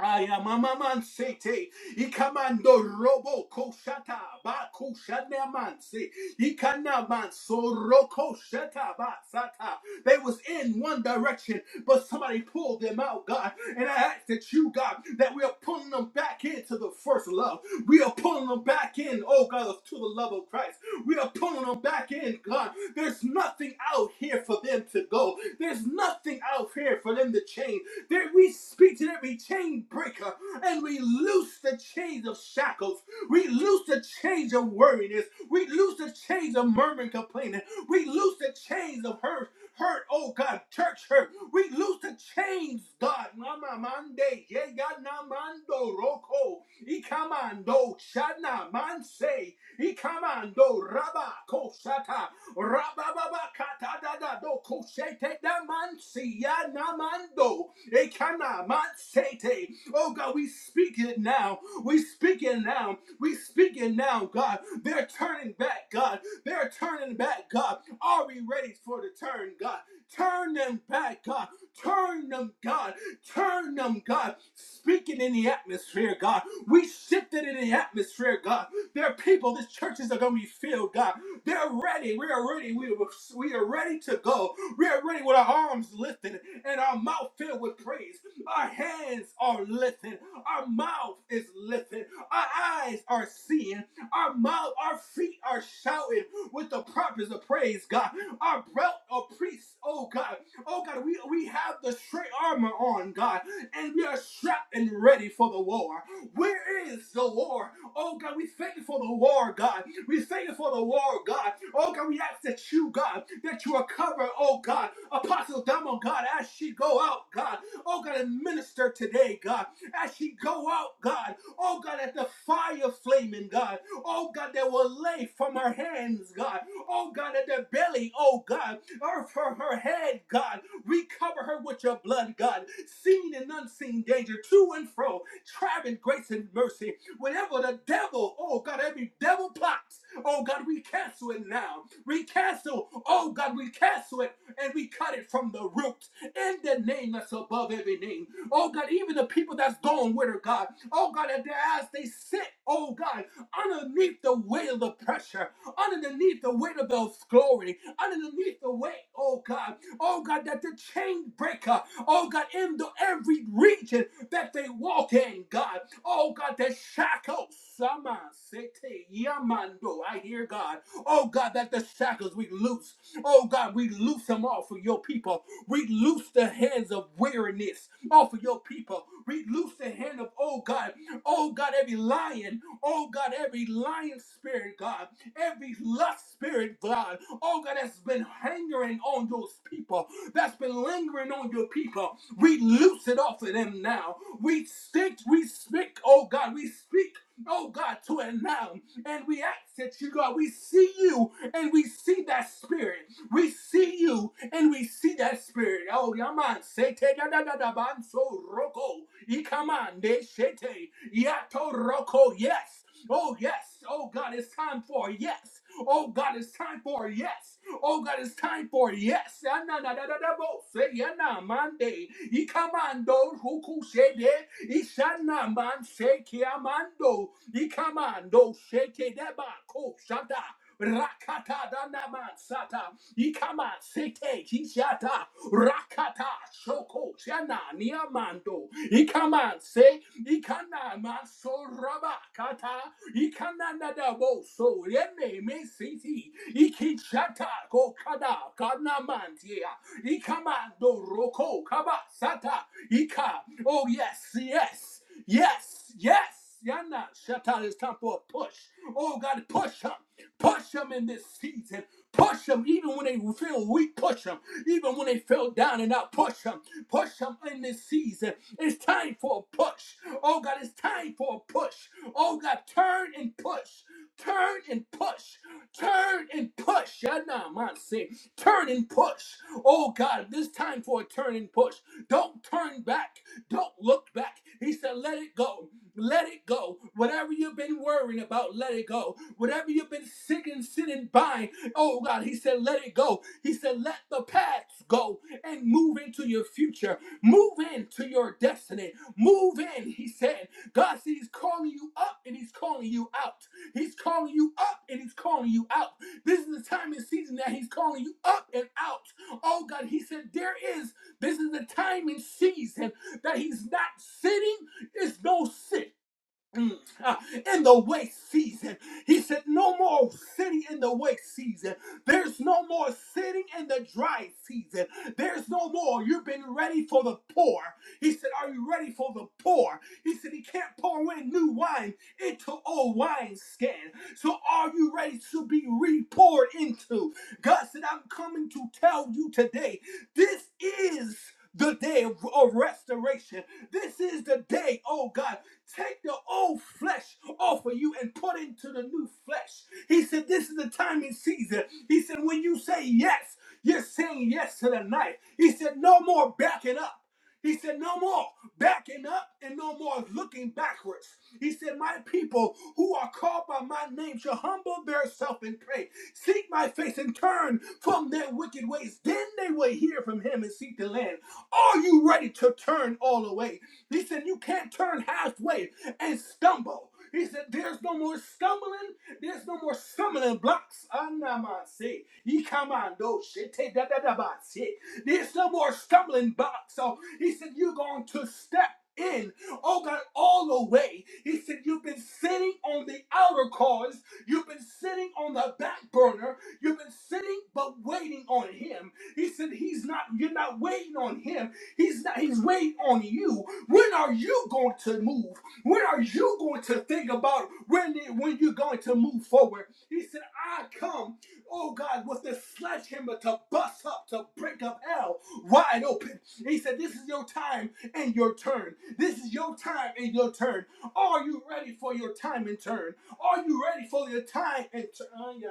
Speaker 4: Ayamamamansete, ikamando robo koshata, ba kushanemanse, ikanamanso roko shata ba sata. They was in one direction, but somebody pulled them out, God. And I ask that you, God, that we are pulling them back into the first love. We are pulling them back in, oh God, to the love of Christ. We are pulling them back in, God. There's nothing out here for them to go. There's nothing out here for them to change. That we speak to them, we chain breaker and we loose the chains of shackles. We loose the chains of worriness. We loose the chains of murmuring, complaining. We loose the chains of hurt. Hurt, oh God, church hurt. We loose the chains, God. Mama mande, yega na mando roko, ikamando shana manse, ikamando rabako shata. Rabababa katadada do koshete da mansi ya namando. Ekana mansete. Oh God, we speak it now. We speak it now. We speak it now, God. They're turning back, God. They're turning back, God. Are we ready for the turn, God? Turn them back, God. Turn them, God. Turn them, God. Speaking in the atmosphere, God. We shifted in the atmosphere, God. There are people, these churches are going to be filled, God. They're ready. We are ready. We we are ready to go. We are ready with our arms lifted and our mouth filled with praise. Our hands are lifted. Our mouth is lifted. Our eyes are seeing. Our mouth, our feet are shouting with the purpose of praise, God. Our belt of priests, oh God. Oh God, we, we have the straight armor on, God, and we are strapped and ready for the war. Where is the war? Oh God, we thank you for the war, God. We thank you for the war, God. Oh God, we ask that you, God, that you are covered, oh God, Apostle Damo, God, as she go out, God. Oh God, and minister today, God. As she go out, God. Oh God, at the fire flaming, God. Oh God, that will lay from her hands, God. Oh God, at the belly, oh God. Or for her head, God. We cover her with your blood, God. Seen and unseen danger, to and fro, traveling grace and mercy. Whenever the devil, oh God, every devil plot, oh God, we cancel it now. We cancel, oh God, we cancel it and we cut it from the root in the name that's above every name. Oh God, even the people that's gone with her, God, oh God, that their eyes they sit, oh God, underneath the weight of the pressure, underneath the weight of those glory, underneath the weight, oh God, oh God, that the chain breaker, oh God, in the every region that they walk in, God. Oh God, that shackles, Sama Sete Yamando. I hear God. Oh God, that the shackles we loose. Oh God, we loose them off of your people. We loose the hands of weariness off of your people. We loose the hand of, oh God, oh God, every lion, oh God, every lion spirit, God every lust spirit, God, oh God, that's been hangering on those people, that's been lingering on your people. We loose it off of them now. We stick, we speak, oh God, we speak. Oh God, to it now, and we ask that you, God, we see you and we see that spirit. We see you and we see that spirit. Oh, Yaman, Sete da da da da ban so roko. Ikaman de shete. Yato roko. Yes. Oh, yes. Oh, God, it's time for a yes. Oh, God, it's time for a yes. Oh, God, it's time for a yes. Ananadadadabo, say, yana, mande. Ikamando, hukushede. Ishana, man, se ki amando. I Ikamando, sheke, deba, ko, shada. Rakata danaman sata ikama sete kishata rakata shoko chana niamando ikaman se ikana masoraba Ikananda bo so yeme me siti. Ikichata ko kada kanamantia. Ikamando roko kaba sata. Ika. Oh yes, yes, yes, yes. Yana shata. It's time for a push. Oh God, push him, push them in this season. Push them even when they feel weak. Push them even when they fell down and out. Push them, push them in this season. It's time for a push. Oh God, it's time for a push. Oh God, turn and push. Turn and push. Turn and push. Yadamansi. Turn and push. Oh God, this time for a turn and push. Don't turn back. Don't look back. He said, let it go. Let it go. Whatever you've been worrying about, let it go. Whatever you've been sick and sitting by, oh God, he said, let it go. He said, let the past go and move into your future. Move into your destiny. Move in, he said. God said He's calling you up and He's calling you out. He's calling you up and He's calling you out. This is the time and season that He's calling you up and out. Oh God, He said, There is, this is the time and season that He's not sitting, it's no sit. Mm, ah, in the wait season. He said, No more sitting in the wait season. There's no more sitting in the dry season. There's no more. You've been ready for the pour. He said, Are you ready for the pour? He said, He can't pour in new wine into old wineskin. So are you ready to be re poured into? God said, I'm coming to tell you today, this is the day of of restoration. This is the day, oh God. Take the old flesh off of you and put into the new flesh. He said, This is the time and season. He said, When you say yes, you're saying yes to the knife. He said, No more backing up. He said, No more backing up and no more looking backwards. He said, My people who are called by my name shall humble themselves and pray, seek my face and turn from their wicked ways. Then they will hear from him and seek the land. Are you ready to turn all away? He said, You can't turn halfway and stumble. He said, There's no more stumbling. There's no more stumbling blocks. Anamase. Ikamando. Shete da da da ba se. There's no more stumbling blocks. So he said, You're going to step in. Oh God, all the way. He said, You've been sitting on the outer cause. You've been sitting on the back burner. You've been sitting but waiting on him. He said, He's not, you're not waiting on him. He's not, he's waiting on you. When are you going to move? When are you going to think about when when you're going to move forward? He said, "I come, oh God, with this sledgehammer to bust up, to break up hell wide open." He said, "This is your time and your turn. This is your time and your turn. Are you ready for your time and turn? Are you ready for your time and turn?"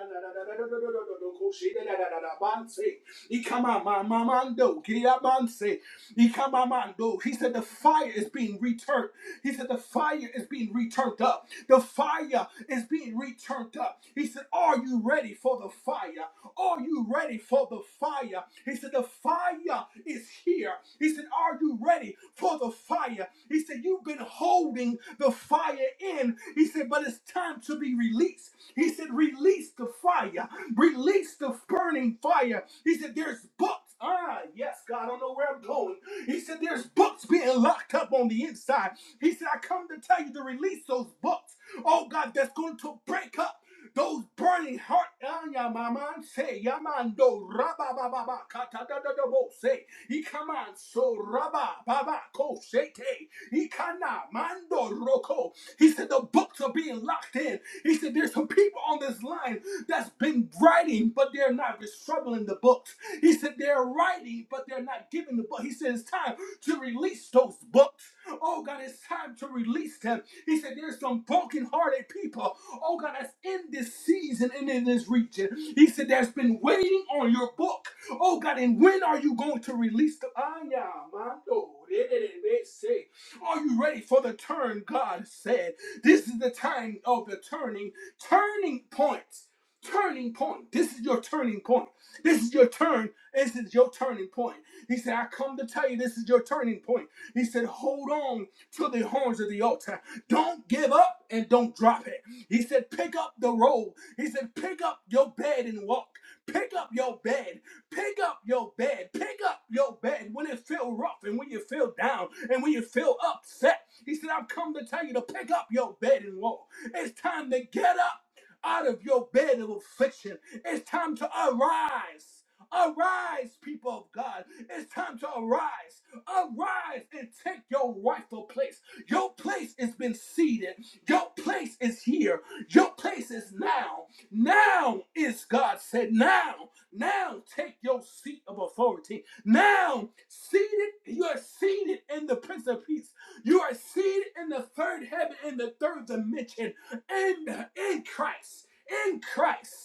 Speaker 4: He come out, my mamando, Ikamamando. He said the fire is being returned. He said the fire is being returned up. The fire is being returned up. He said, Are you ready for the fire? Are you ready for the fire? He said, The fire is here. He said, Are you ready for the fire? He said, You've been holding the fire in. He said, But it's time to be released. He said, Release the fire. Release the burning fire. He said, There's books. Ah, yes, God, I don't know where I'm going. He said, There's books being locked up on the inside. He said, I come to tell you to release those books. Oh God, that's going to break up. Those burning heart, Ayamaman say, Yamando, Rabba, Baba, Baba, Kata, da da da Katadadabo say, Ikaman, so Rabba, Baba, Ko, Shete, Ikana, Mando, Roko. He said, The books are being locked in. He said, There's some people on this line that's been writing, but they're not. They're struggling the books. He said they're writing, but they're not giving the book. He said it's time to release those books. Oh God, it's time to release them. He said there's some broken-hearted people. Oh God, that's in this season and in this region. He said there's been waiting on your book. Oh God, and when are you going to release the Anya, mando, de- de- de- de- say. Are you ready for the turn? God said. This is the time of the turning, turning points. Turning point. This is your turning point. This is your turn this is your turning point. He said, I come to tell you this is your turning point. He said, hold on to the horns of the altar. Don't give up and don't drop it. He said, pick up the roll. He said, pick up your bed and walk. Pick up your bed. Pick up your bed. Pick up your bed when it feels rough and when you feel down and when you feel upset. He said, I've come to tell you to pick up your bed and walk. It's time to get up out of your bed of affliction. It's time to arise. Arise, people of God. It's time to arise. Arise and take your rightful place. Your place has been seated. Your place is here. Your place is now. Now is God said, now, now take your seat of authority. Now, seated, you are seated in the Prince of Peace. You are seated in the third heaven, in the third dimension, in, in Christ. In Christ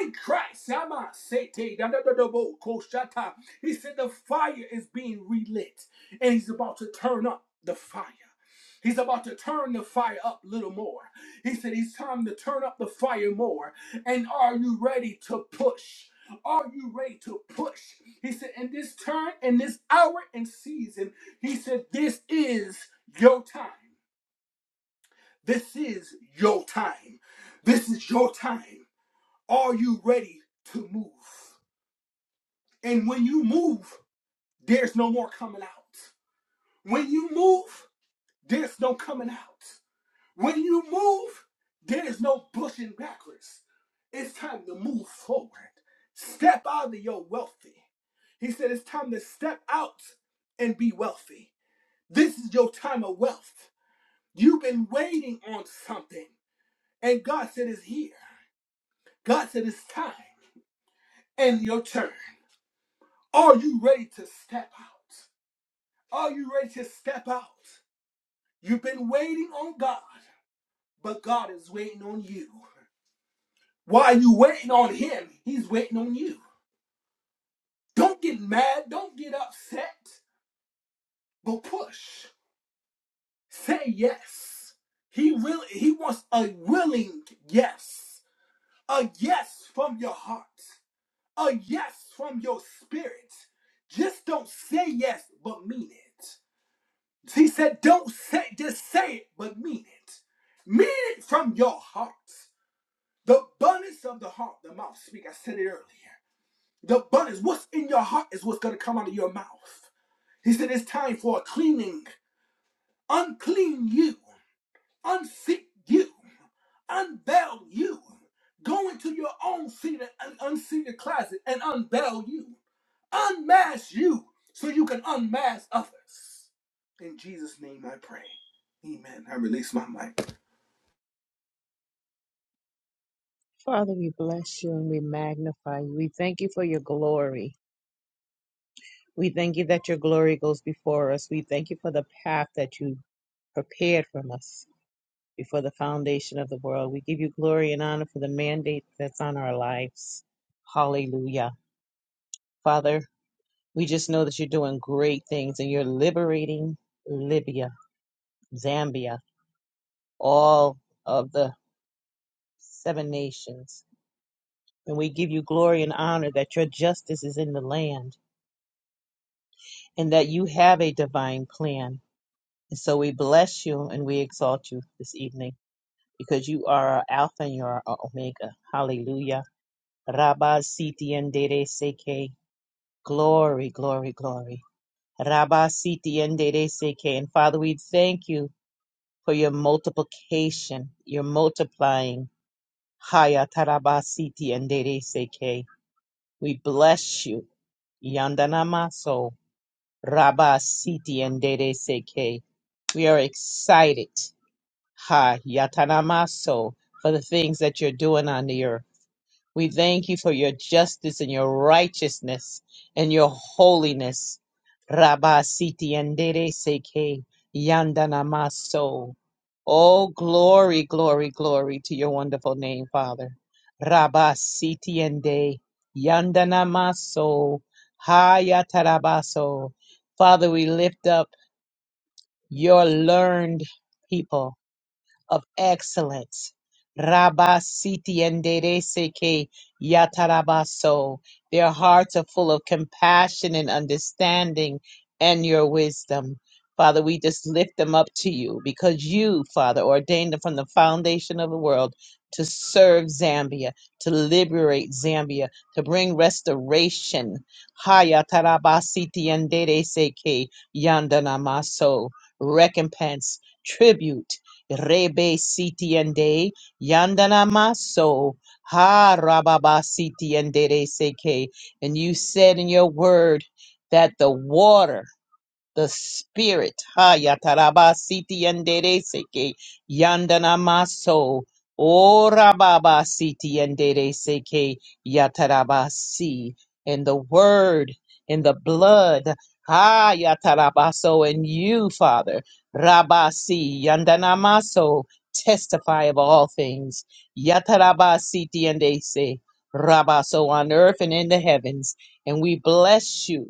Speaker 4: in Christ. Yama sete, da da da da bo, ko shata. He said the fire is being relit and he's about to turn up the fire. He's about to turn the fire up a little more. He said it's time to turn up the fire more. And are you ready to push? Are you ready to push? He said, in this turn, in this hour and season, he said, this is your time. This is your time. This is your time. Are you ready to move? And when you move, there's no more coming out. When you move, there's no coming out. When you move, there's no pushing backwards. It's time to move forward. Step out of your wealthy. He said it's time to step out and be wealthy. This is your time of wealth. You've been waiting on something, and God said it's here. God said it's time and your turn. Are you ready to step out? Are you ready to step out? You've been waiting on God, but God is waiting on you. While you waiting on Him, He's waiting on you. Don't get mad, don't get upset, but push. Say yes. He really He wants a willing yes. A yes from your heart. A yes from your spirit. Just don't say yes, but mean it. So He said, don't say, just say it, but mean it. Mean it from your heart. The abundance of the heart, the mouth speak. I said it earlier. The abundance, what's in your heart is what's going to come out of your mouth. He said, it's time for a cleaning. Unclean you. Unseat you. Unveil you. Go into your own seated, un- unseated closet and unveil you. Unmask you so you can unmask others. In Jesus' name I pray. Amen. I release my mic.
Speaker 3: Father, we bless you and we magnify you. We thank you for your glory. We thank you that your glory goes before us. We thank you for the path that you prepared from us before the foundation of the world. We give you glory and honor for the mandate that's on our lives. Hallelujah. Father, we just know that you're doing great things and you're liberating Libya, Zambia, all of the seven nations. And we give you glory and honor that your justice is in the land and that you have a divine plan. And so we bless you and we exalt you this evening because you are our Alpha and you are our Omega. Hallelujah. Rabba Siti Ndere Seke. Glory, glory, glory. Rabba Siti Ndere Seke. And Father, we thank you for your multiplication, your multiplying. Haya Taraba Siti Ndere Seke. We bless you. Yandanamaso. Rabba Siti and Dede Seke. We are excited, Ha Yatanamaso, for the things that you're doing on the earth. We thank you for your justice and your righteousness and your holiness. Rabba siti andere seke yandana maso. Oh, glory, glory, glory to your wonderful name, Father. Rabba siti ende yandana maso hayatarabaso. Father, we lift up your learned people of excellence. Rabba Siti endere Seke Yatarabaso. Their hearts are full of compassion and understanding and your wisdom. Father, we just lift them up to you because you, Father, ordained them from the foundation of the world to serve Zambia, to liberate Zambia, to bring restoration. Haya tarabasiti yandere seke yandanamaso. Recompense, tribute. Rebe siti ende yandana maso ha rababa siti ende de seke. And you said in your word that the water the spirit. Ha yataraba siti yandere seke yandana maso. Ora baba siti yandere seke yataraba si. In the word, in the blood. Ha yatarabaso and you, Father. Rabasi yandana maso. Testify of all things. Yataraba siti yandese. Rabaso on earth and in the heavens. And we bless you.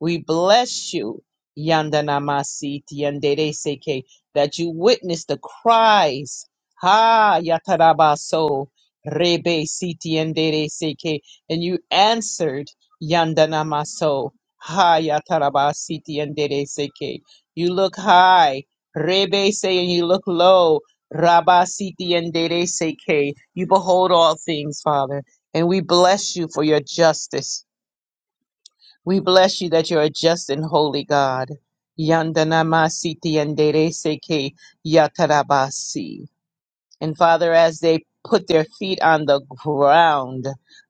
Speaker 3: We bless you, Yandanamasiti Yandereseke, that you witness the cries. Ha Yatarabaso Rebe Siti Yandereseke, and you answered Yandanamaso. Ha Yatarabasiti Yandereseke. You look high, Rebe say, and you look low. Rabasiti Yandereseke. You behold all things, Father, and we bless you for your justice. We bless you that you're a just and holy God. Yandanama siti yanderese ke yatarabasi. And Father, as they put their feet on the ground,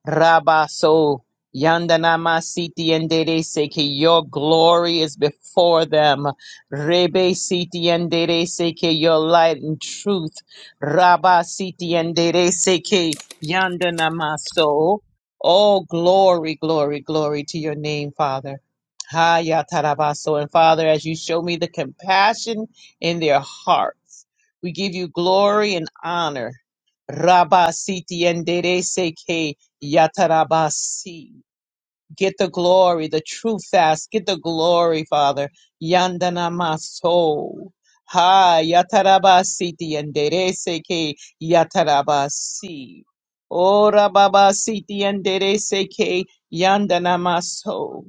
Speaker 3: Rabaso Yandanama Siti and Dede Seke, your glory is before them. Rebe Siti and Dede Seke, your light and truth. Rabba Siti and Dede Seke Yandanama So. Oh, glory, glory, glory to your name, Father. Hayatarabaso. And Father, as you show me the compassion in their hearts. We give you glory and honor. Rabba siti endere seke yatarabasi. Get the glory, the true fast. Get the glory, Father. Yandana maso. Ha yatarabasi ti endere seke yatarabasi. O rababa siti endere seke yandana maso.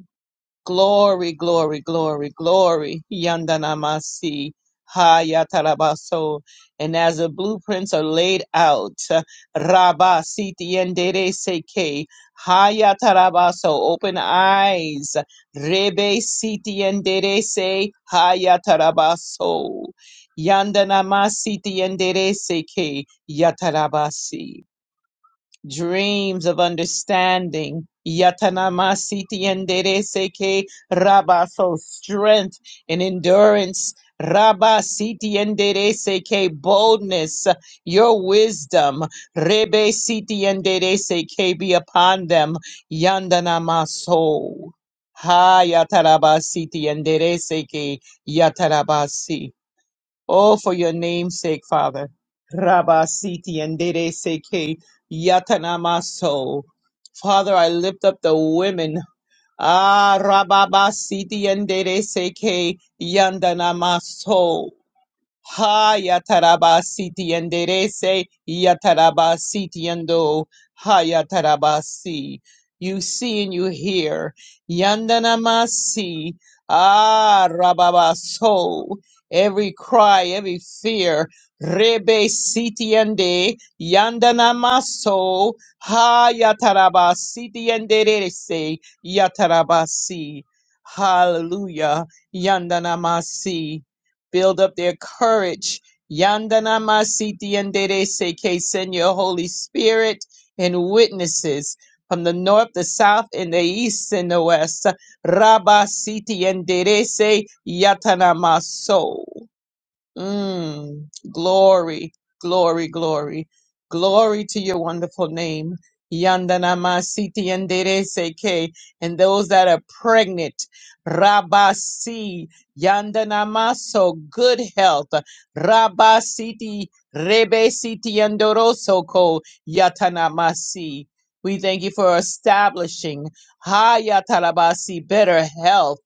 Speaker 3: Glory, glory, glory, glory. Yandanamasi. Hayatarabaso. And as the blueprints are laid out, Rabba Siti Yendere Seke. Hayatarabaso. Open eyes. Rebe Siti Yendere Se. Hayatarabaso. Yandanama Siti Yendere Seke. Yatarabasi dreams of understanding. Yatanamasiti endereseke rabaso strength and endurance. Rabba siti endereseke boldness, your wisdom, rebe siti endereseke be upon them, yandanamaso. Ha yatarabasiti endereseke yatarabasi. Oh, for your name's sake, Father. Rabba Siti and Dede Seke Yatanamaso. Father, I lift up the women. Ah, Rababa Siti and Dede Seke Yandanamaso. Ha yatarabasiti enderece yatarabasiti endo ha yatarabasi. You see and you hear. Yandanamasi. Ah rababaso. Every cry, every fear. Rebe siti ende yandanamaso. Ha yatarabasiti enderece yatarabasi. Hallelujah. Yandanamasi. Build up their courage. Yandana masiti yandere seke. Send your Holy Spirit and witnesses from the north, the south, and the east and the west. Rabba siti yandere se yatana maso. Mm, glory, glory, glory, glory to your wonderful name. Yandanama Siti and Seke, and those that are pregnant, Rabasi, Yandanama, so good health, Rabasiti, Rebe Siti and Dorosoko, Yatanamasi. We thank you for establishing Hayatarabasi, better health.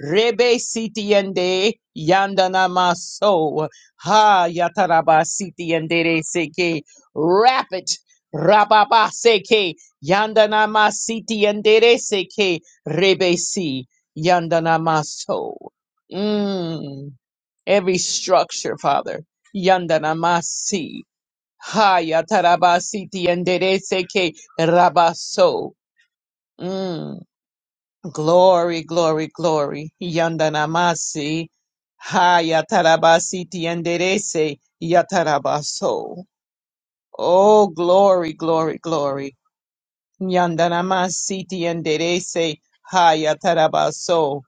Speaker 3: Rebe sitiende yandana maso ha yataraba sitiende seke rapid rababa seke yandana masitiende seke rebe si yandana maso. Mm. Every structure, Father, yandana masi ha yataraba sitiende seke rabaso. Mm Glory, glory, glory. Yandanamasi. Ha yatarabasi tienderese yatarabaso. Oh, glory, glory, glory. Yandanamasi tienderese ha yatarabaso.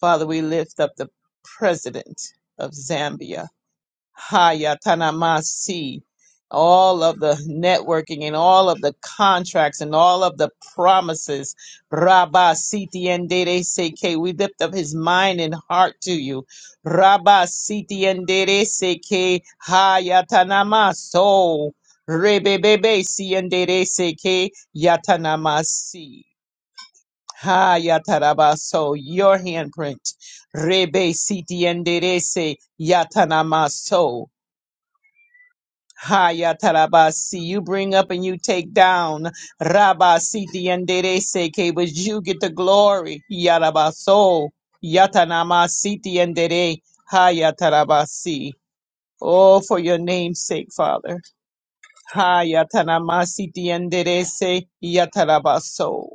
Speaker 3: Father, we lift up the president of Zambia. Hayatanamasi, all of the networking and all of the contracts and all of the promises. Rabba Siti and Dere Seke, we lift up his mind and heart to you. Rabba Siti and Dere Seke, Hayatanamaso, Rebebebe Si and Dere Seke, Yatanamasi. Hayatarabaso, your handprint. Rebe Siti and Dere Se, Yatanamaso. Haya tarabasi, you bring up and you take down. Rabasiti and Seke, but you get the glory. Yarabaso, Yatanama Siti and Dere, tarabasi. Oh, for your name's sake, Father. Hayatanama Siti and Dere Se, Yatarabaso.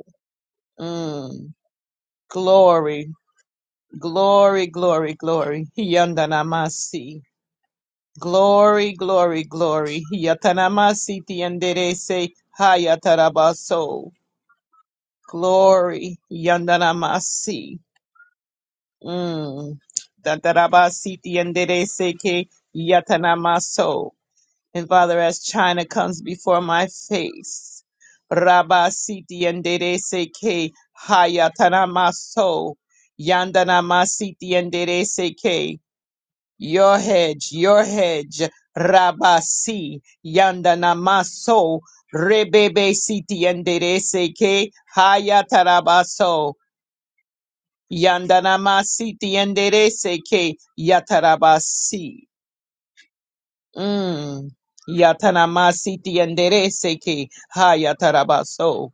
Speaker 3: Mm. Glory, glory, glory, glory. Yandanamasi. Glory, glory, glory. Yatanamasiti yanderese hayatarabaso. Glory, yandanamasi. Mm. Tatarabasiti yanderese ke yatanamaso. And Father, as China comes before my face, Rabasiti yanderese ke hayatanamaso. Yandanamasiti yanderese your hedge, your hedge, Rabasi, Yandanamaso, Rebebe Siti Yandereseke, Hayatarabaso, Yandanamasiti Yandereseke, Yatarabasi. Mm. Yatanamasiti Yandereseke, Hayatarabaso,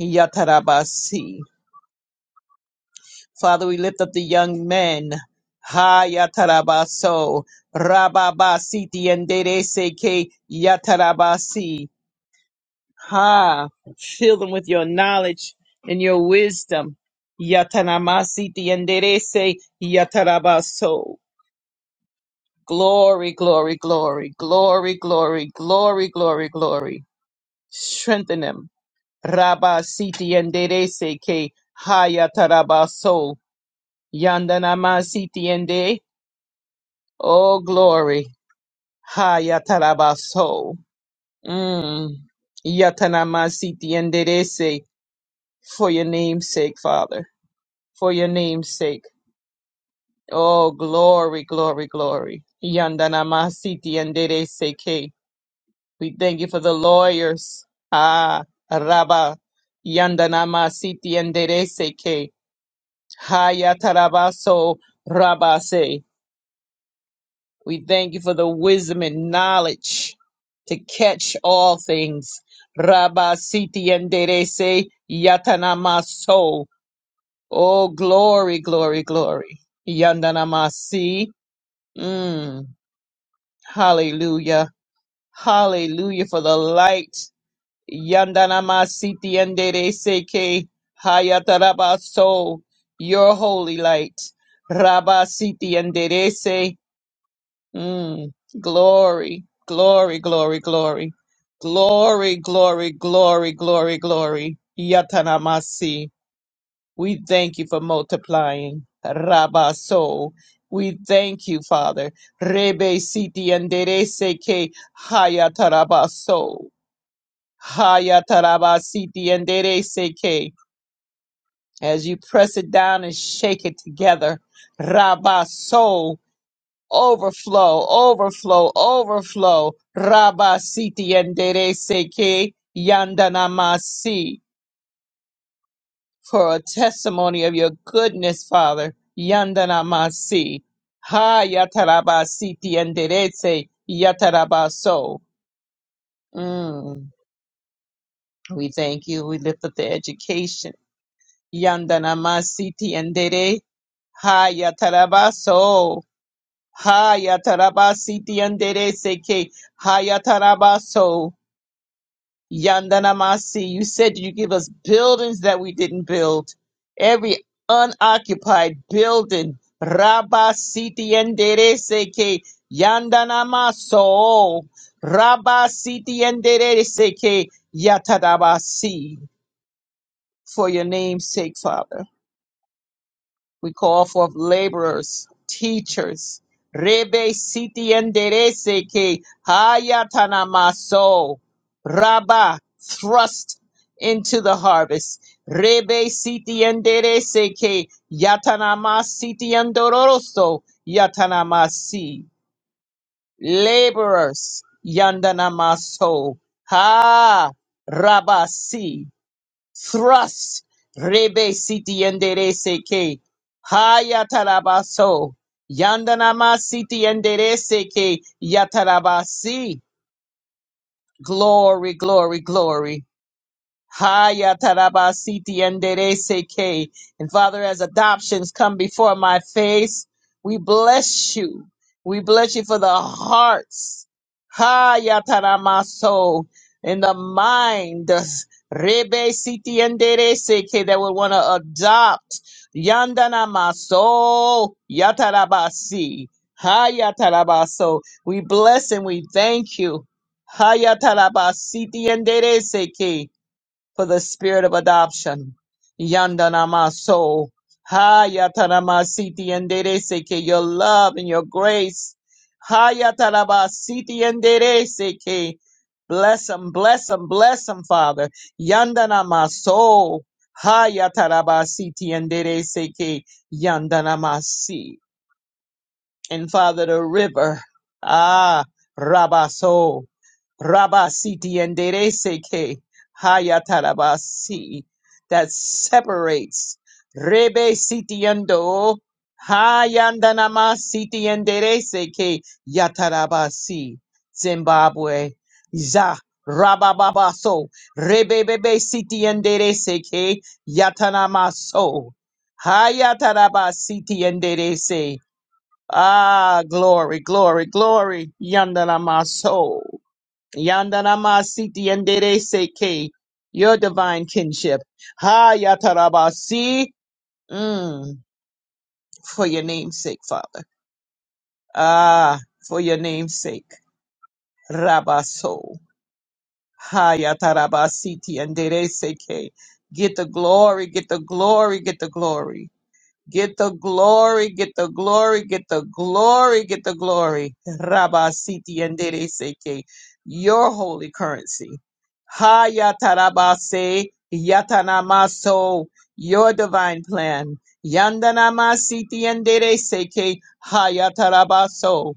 Speaker 3: Yatarabasi. Father, we lift up the young men. Ha yatarabaso rababasiti and seke yatarabasi. Ha, fill them with your knowledge and your wisdom. Yatanamasiti and se yatarabaso. Glory, glory, glory, glory, glory, glory, glory, glory. Strengthen them. Rabasiti and seke ha yatarabaso. Yandanamasiti and de. Oh, glory. Ha yatarabaso. Mm. Yatanamasiti enderece. For your name's sake, Father. For your name's sake. Oh, glory, glory, glory. Yandanamasiti enderece ke. We thank you for the lawyers. Ah, Rabba. Yandanamasiti enderece ke, Ha yatarabaso. Rabba se. We thank you for the wisdom and knowledge to catch all things. Rabba Siti Enderese Yatanamaso. Oh, glory, glory, glory. Yandanamasi. Mm. Hallelujah. Hallelujah for the light. Yandanamasiti Enderese Ke Hayatarabaso. Your holy light. Rabba Siti Enderese Mm, glory, glory, glory, glory, glory, glory, glory, glory, glory. Yatanamasi. We thank you for multiplying. Rabaso. We thank you, Father. Rebe siti andere seke hayatarabaso. Hayatarabasiti andere seke. As you press it down and shake it together. Rabaso overflow, overflow, overflow. Rabba siti yandere seke yandanamasi. For a testimony of your goodness, Father. Yandanamasi. Ha yataraba siti yandere se yatarabaso. Mm. We thank you. We lift up the education. Yandanamasi ti yandere. Ha yatarabaso. Hayatarabasiti yandere seke hayatarabaso yandanamasi. You said you give us buildings that we didn't build. Every unoccupied building. Rabasiti yandere seke yandanamaso. Rabasiti yandere seke yatarabasi. For your name's sake, Father. We call forth laborers, teachers. Rebe siti enderece que hayatanamaso. Rabba, thrust into the harvest. Rebe siti enderece que yatanama siti andoroso. Yatanamasi. Laborers, yandanamaso. Ha, rabasi thrust rebe siti endere seke hayatarabaso yandanama siti endere seke yatarabasi glory glory glory Haya tarabasiti enderece que. And Father, as adoptions come before my face, we bless you. We bless you for the hearts. Haya taramaso. In the mind. Rebe siti enderece que that would want to adopt. Yandana maso. Yatarabasi. Haya tarabaso. We bless and we thank you. Haya tarabasiti enderece que for the spirit of adoption. Yandanamaso. Hayatanamasiti and Dereseke, your love and your grace. Hayatanabasiti and Dereseke. Bless them, bless them, bless them, Father. Yandanamaso. Hayatarabasiti and Dereseke. Yandanamasi and Father the river. Ah, Rabaso, Rabasiti and Dereseke, Hayatarabasi, that separates Rebe Sitiando, Hayandanama Siti and Dereseke, Yatarabasi, Zimbabwe, Za. Rabababaso, Rebebebe Siti and Dereseke, Yatanamaso, Hayatarabasiti and Ah, glory, glory, glory. Yandana my soul. Yandana my siti yandere seke. Your divine kinship. Ha yatarabasi. Mm, for your name's sake, Father. Ah, for your name's sake. Rabaso. Ha yatarabasiti yandere seke. Get the glory, get the glory, get the glory. Get the glory, get the glory, get the glory, get the glory. Rabba Siti and Dede Seke, your holy currency. Ha Yatarabase, Yatanamaso, your divine plan. Yandanama Siti and Dede Seke, Ha Yatarabaso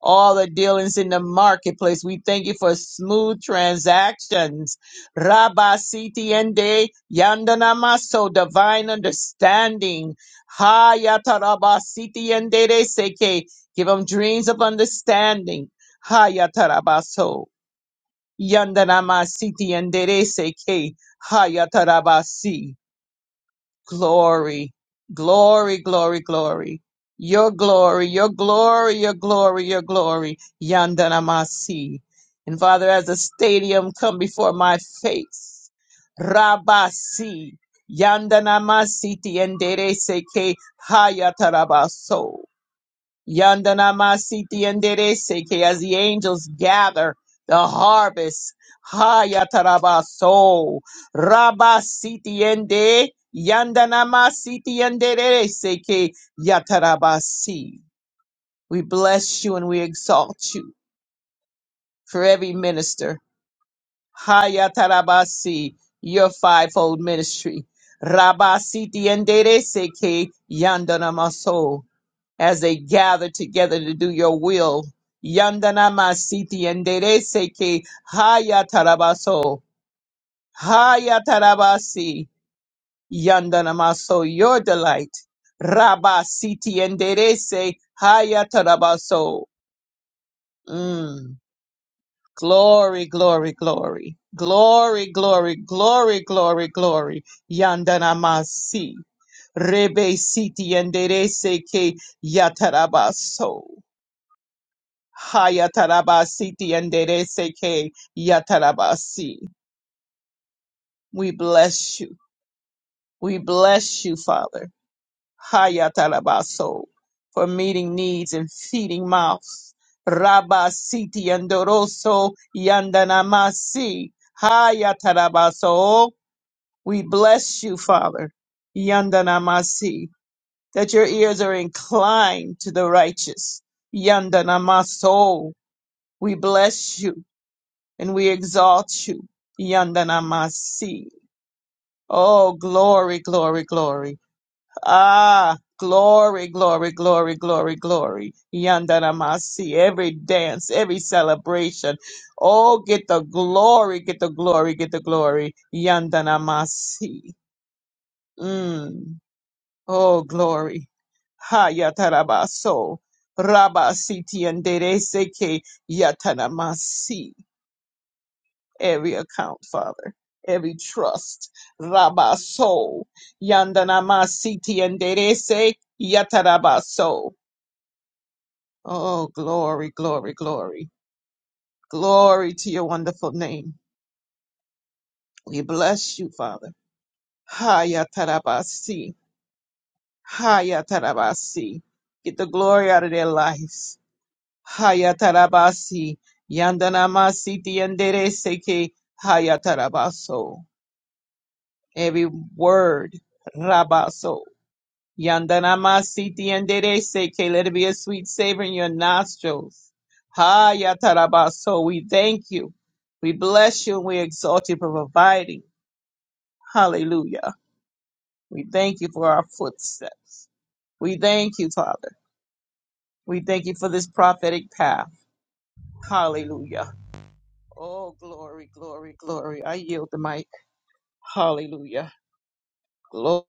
Speaker 3: all the dealings in the marketplace. We thank you for smooth transactions. Rabba Siti Ende Yandanamaso divine understanding. Hayata Rabba Siti Ende de Seke. Give them dreams of understanding. Hayata Rabba So. Yandanama Siti Ende de Seke. Hayata Rabba Si glory, glory, glory, glory. Your glory, your glory, your glory, your glory. Yandanamasi. And Father, as the stadium come before my face, Rabasi, Yandanamasi, Tiendere Seke, Hayatarabaso. Yandanamasiti enderece que as the angels gather the harvest. Hayatarabaso. Rabasiti ende. Yandanamasiti enderece que yatarabasi. We bless you and we exalt you for every minister. Hayatarabasi, your fivefold ministry. Rabasiti enderece que yandanamaso as they gather together to do your will. Yandana masiti enderece que haya tarabaso, haya tarabasi, yandana maso, your delight. Rabba siti enderece, haya tarabaso. Mm. Glory, glory, glory. Glory, glory, glory, glory, glory. Yandana masi. Rebe siti enderece que yatarabaso. Hayatarabasi tiandereseke yatarabasi. We bless you. We bless you, Father. Hayatarabaso for meeting needs and feeding mouths. Rabasi tiandoroso yandanamasi. Hayatarabaso. We bless you, Father. Yandanamasi. That your ears are inclined to the righteous. Yandanamaso. We bless you. and we exalt you. Yandanamasi. Oh, glory, glory, glory. Ah, glory, glory, glory, glory, glory. Yandanamasi. Every dance, every celebration. Oh, get the glory, get the glory, get the glory. Yandanamasi. Mm. Oh, glory. Ha yatarabaso. Rabasiti and Dereseke Yatanamasi. every account, Father, every trust. Rabaso, Yandanamasiti and Derese, Yatarabaso. Oh, glory, glory, glory. Glory to your wonderful name. We bless you, Father. Hayatarabasi, Hayatarabasi. Get the glory out of their lives. Hayatarabasi, Yandanamasiti and Derese, Hayatarabaso. Every word, Rabaso. Yandanama siti yanderese, que let it be a sweet savor in your nostrils. Ha yatarabaso, we thank you. We bless you and we exalt you for providing. Hallelujah. We thank you for our footsteps. We thank you, Father. We thank you for this prophetic path. Hallelujah. Oh, glory, glory, glory. I yield the mic. Hallelujah. Glory.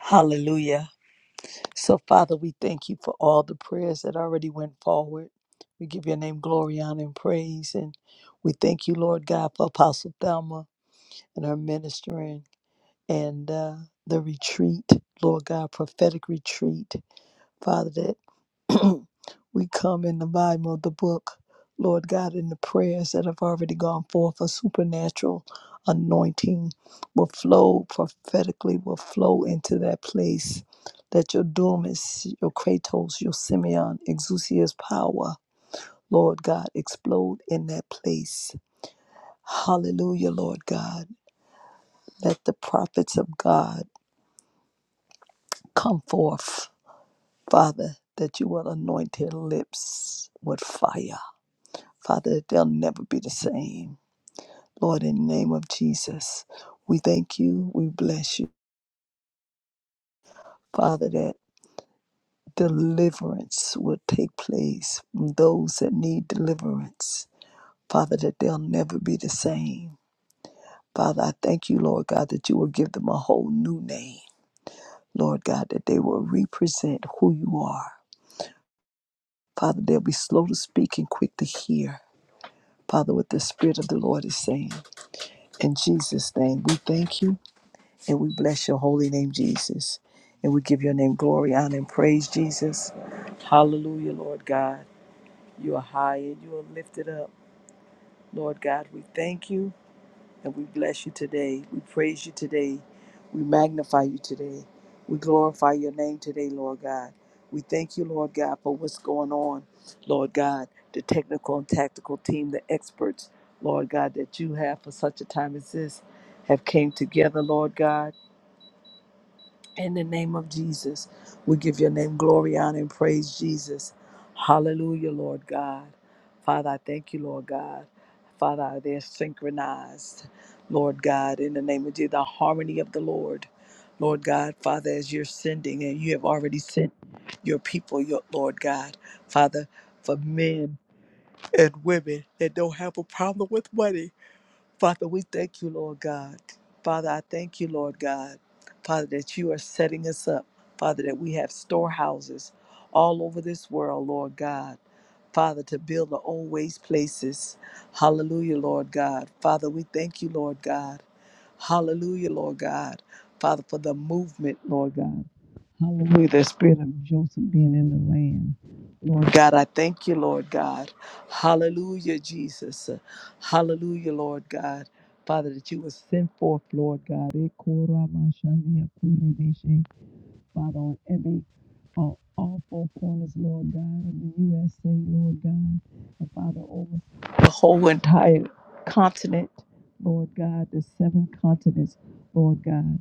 Speaker 2: Hallelujah. So, Father, we thank you for all the prayers that already went forward. We give your name glory, honor, and praise. And we thank you, Lord God, for Apostle Thelma and her ministering and uh, the retreat, Lord God, prophetic retreat, Father, that We come in the volume of the book, Lord God, in the prayers that have already gone forth, a supernatural anointing will flow prophetically, will flow into that place. That your Dunamis, your Kratos, your Simeon, Exousia's power, Lord God, explode in that place. Hallelujah, Lord God. Let the prophets of God come forth, Father, that you will anoint their lips with fire Father, they'll never be the same. Lord, in the name of Jesus, we thank you, we bless you, Father, that deliverance will take place from those that need deliverance. Father, that they'll never be the same. Father, I thank you, Lord God, that you will give them a whole new name. Lord God, that they will represent who you are. Father, they'll be slow to speak and quick to hear. Father, what the Spirit of the Lord is saying. In Jesus' name, we thank you. And we bless your holy name, Jesus. And we give your name glory, honor, and praise, Jesus. Hallelujah, Lord God. You are high and you are lifted up. Lord God, we thank you and we bless you today. We praise you today. We magnify you today. We glorify your name today, Lord God. We thank you, Lord God, for what's going on, Lord God, the technical and tactical team, the experts, Lord God, that you have for such a time as this have came together, Lord God In the name of Jesus, we give your name glory, honor, and praise, Jesus. Hallelujah, Lord God. Father, I thank you, Lord God. Father, they're synchronized, Lord God, in the name of Jesus, the harmony of the Lord. Lord God, Father, as you're sending, and you have already sent your people, your Lord God, Father, for men and women that don't have a problem with money. Father, we thank you, Lord God. Father, I thank you, Lord God. Father, that you are setting us up. Father, that we have storehouses all over this world, Lord God. Father, to build the old waste places. Hallelujah, Lord God. Father, we thank you, Lord God. Hallelujah, Lord God. Father, for the movement, Lord God. Hallelujah, the spirit of Joseph being in the land. God, I thank you, Lord God. Hallelujah, Jesus. Hallelujah, Lord God. Father, that you would send forth, Lord God. Father, on every uh, all four corners, Lord God, of the USA, Lord God, and Father, over the whole entire continent, Lord God, the seven continents, Lord God,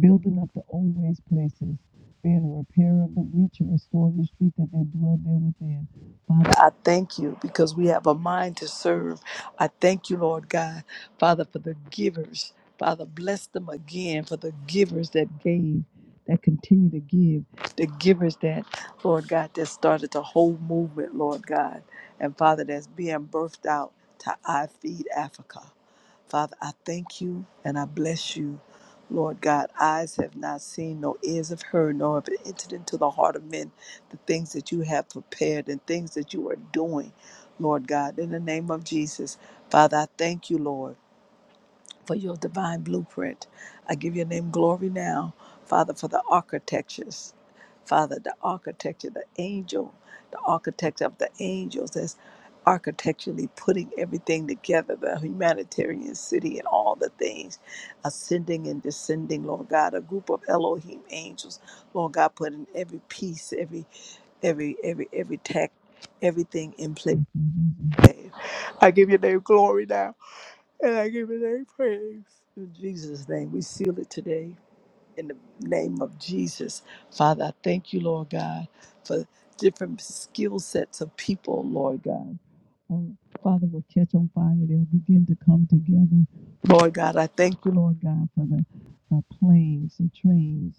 Speaker 2: building up the old waste places, being a repairer of the breach and restoring the street that they dwell there within. Father, I thank you because we have a mind to serve. I thank you, Lord God, Father, for the givers. Father, bless them again for the givers that gave that continue to give, the givers that, Lord God, that started the whole movement, Lord God. And Father, that's being birthed out to I Feed Africa. Father, I thank you and I bless you. Lord God, eyes have not seen, no ears have heard, nor have it entered into the heart of men the things that you have prepared and things that you are doing, Lord God, in the name of Jesus. Father, I thank you, Lord for your divine blueprint. I give your name glory now, Father, for the architectures. Father, the architecture, the angel, the architect of the angels that's architecturally putting everything together, the humanitarian city and all the things, ascending and descending, Lord God, a group of Elohim angels, Lord God, putting every piece, every, every, every, every tech, everything in place. I give your name glory now. And I give it a praise. In Jesus' name, we seal it today in the name of Jesus. Father, I thank you, Lord God, for different skill sets of people, Lord God. Oh, Father, will catch on fire. They'll begin to come together. Lord God, I thank you, Lord God, for the, the planes, the trains.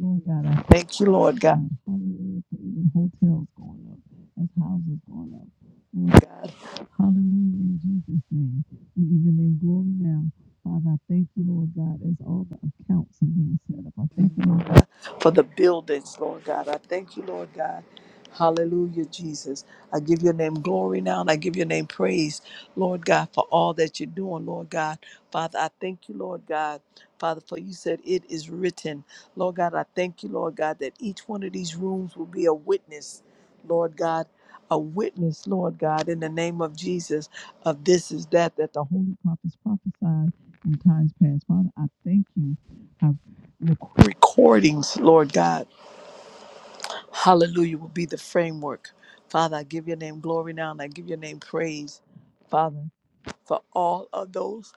Speaker 2: Lord God, I thank you, Lord God. Hallelujah, for even hotels going up, as houses going up. Lord God, hallelujah, in Jesus' name. We give your name glory now. Father, I thank you, Lord God, as all the accounts are being set up. I thank you, Lord God, for the buildings, Lord God. I thank you, Lord God. Hallelujah, Jesus. I give your name glory now and I give your name praise, Lord God, for all that you're doing, Lord God. Father, I thank you, Lord God. Father, for you said it is written. Lord God, I thank you, Lord God, that each one of these rooms will be a witness, Lord God. A witness, Lord God, in the name of Jesus, of this is that that the holy prophets prophesied in times past. Father, I thank you. I recordings, Lord God. Hallelujah will be the framework. Father, I give your name glory now and I give your name praise, Father, for all of those.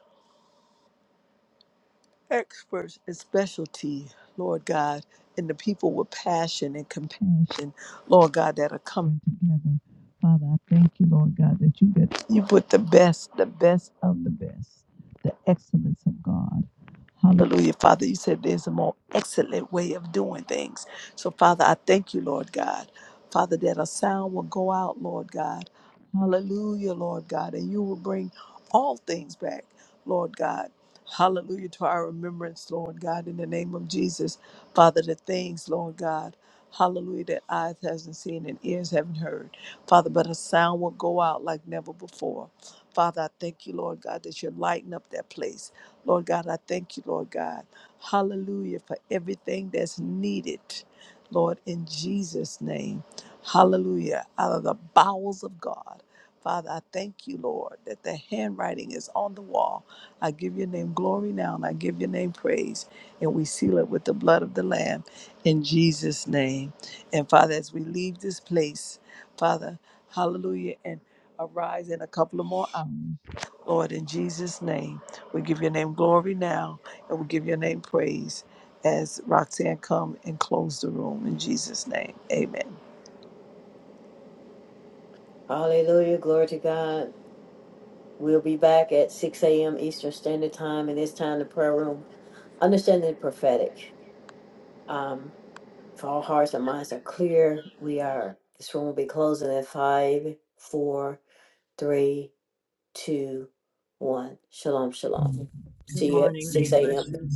Speaker 2: experts in specialty, Lord God, and the people with passion and compassion, Lord God, that are coming together. Father, I thank you, Lord God, that you get you put the best, the best of the best, the excellence of God. Hallelujah, Father. You said there's a more excellent way of doing things. So, Father, I thank you, Lord God. Father, that a sound will go out, Lord God. Hallelujah, Lord God. And you will bring all things back, Lord God Hallelujah to our remembrance, Lord God, in the name of Jesus. Father, the things, Lord God, hallelujah, that eyes hasn't seen and ears haven't heard. Father, but a sound will go out like never before. Father, I thank you, Lord God, that you're lighting up that place. Lord God, I thank you, Lord God. Hallelujah for everything that's needed, Lord, in Jesus' name. Hallelujah. Out of the bowels of God. Father, I thank you, Lord, that the handwriting is on the wall. I give your name glory now, and I give your name praise. And we seal it with the blood of the Lamb in Jesus' name. And Father, as we leave this place, Father, hallelujah, and arise in a couple of more hours. Lord, in Jesus' name, we give your name glory now, and we give your name praise as Roxanne come and close the room in Jesus' name. Amen.
Speaker 1: Hallelujah. Glory to God. We'll be back at 6 a.m. Eastern Standard Time, and it's time the prayer room. Understanding the prophetic. If all hearts and minds are clear, we are. This room will be closing at five, four, three, two, one. Shalom, shalom.
Speaker 3: Good
Speaker 1: See you at
Speaker 3: morning.
Speaker 1: 6
Speaker 3: Bless
Speaker 1: a.m.
Speaker 3: you.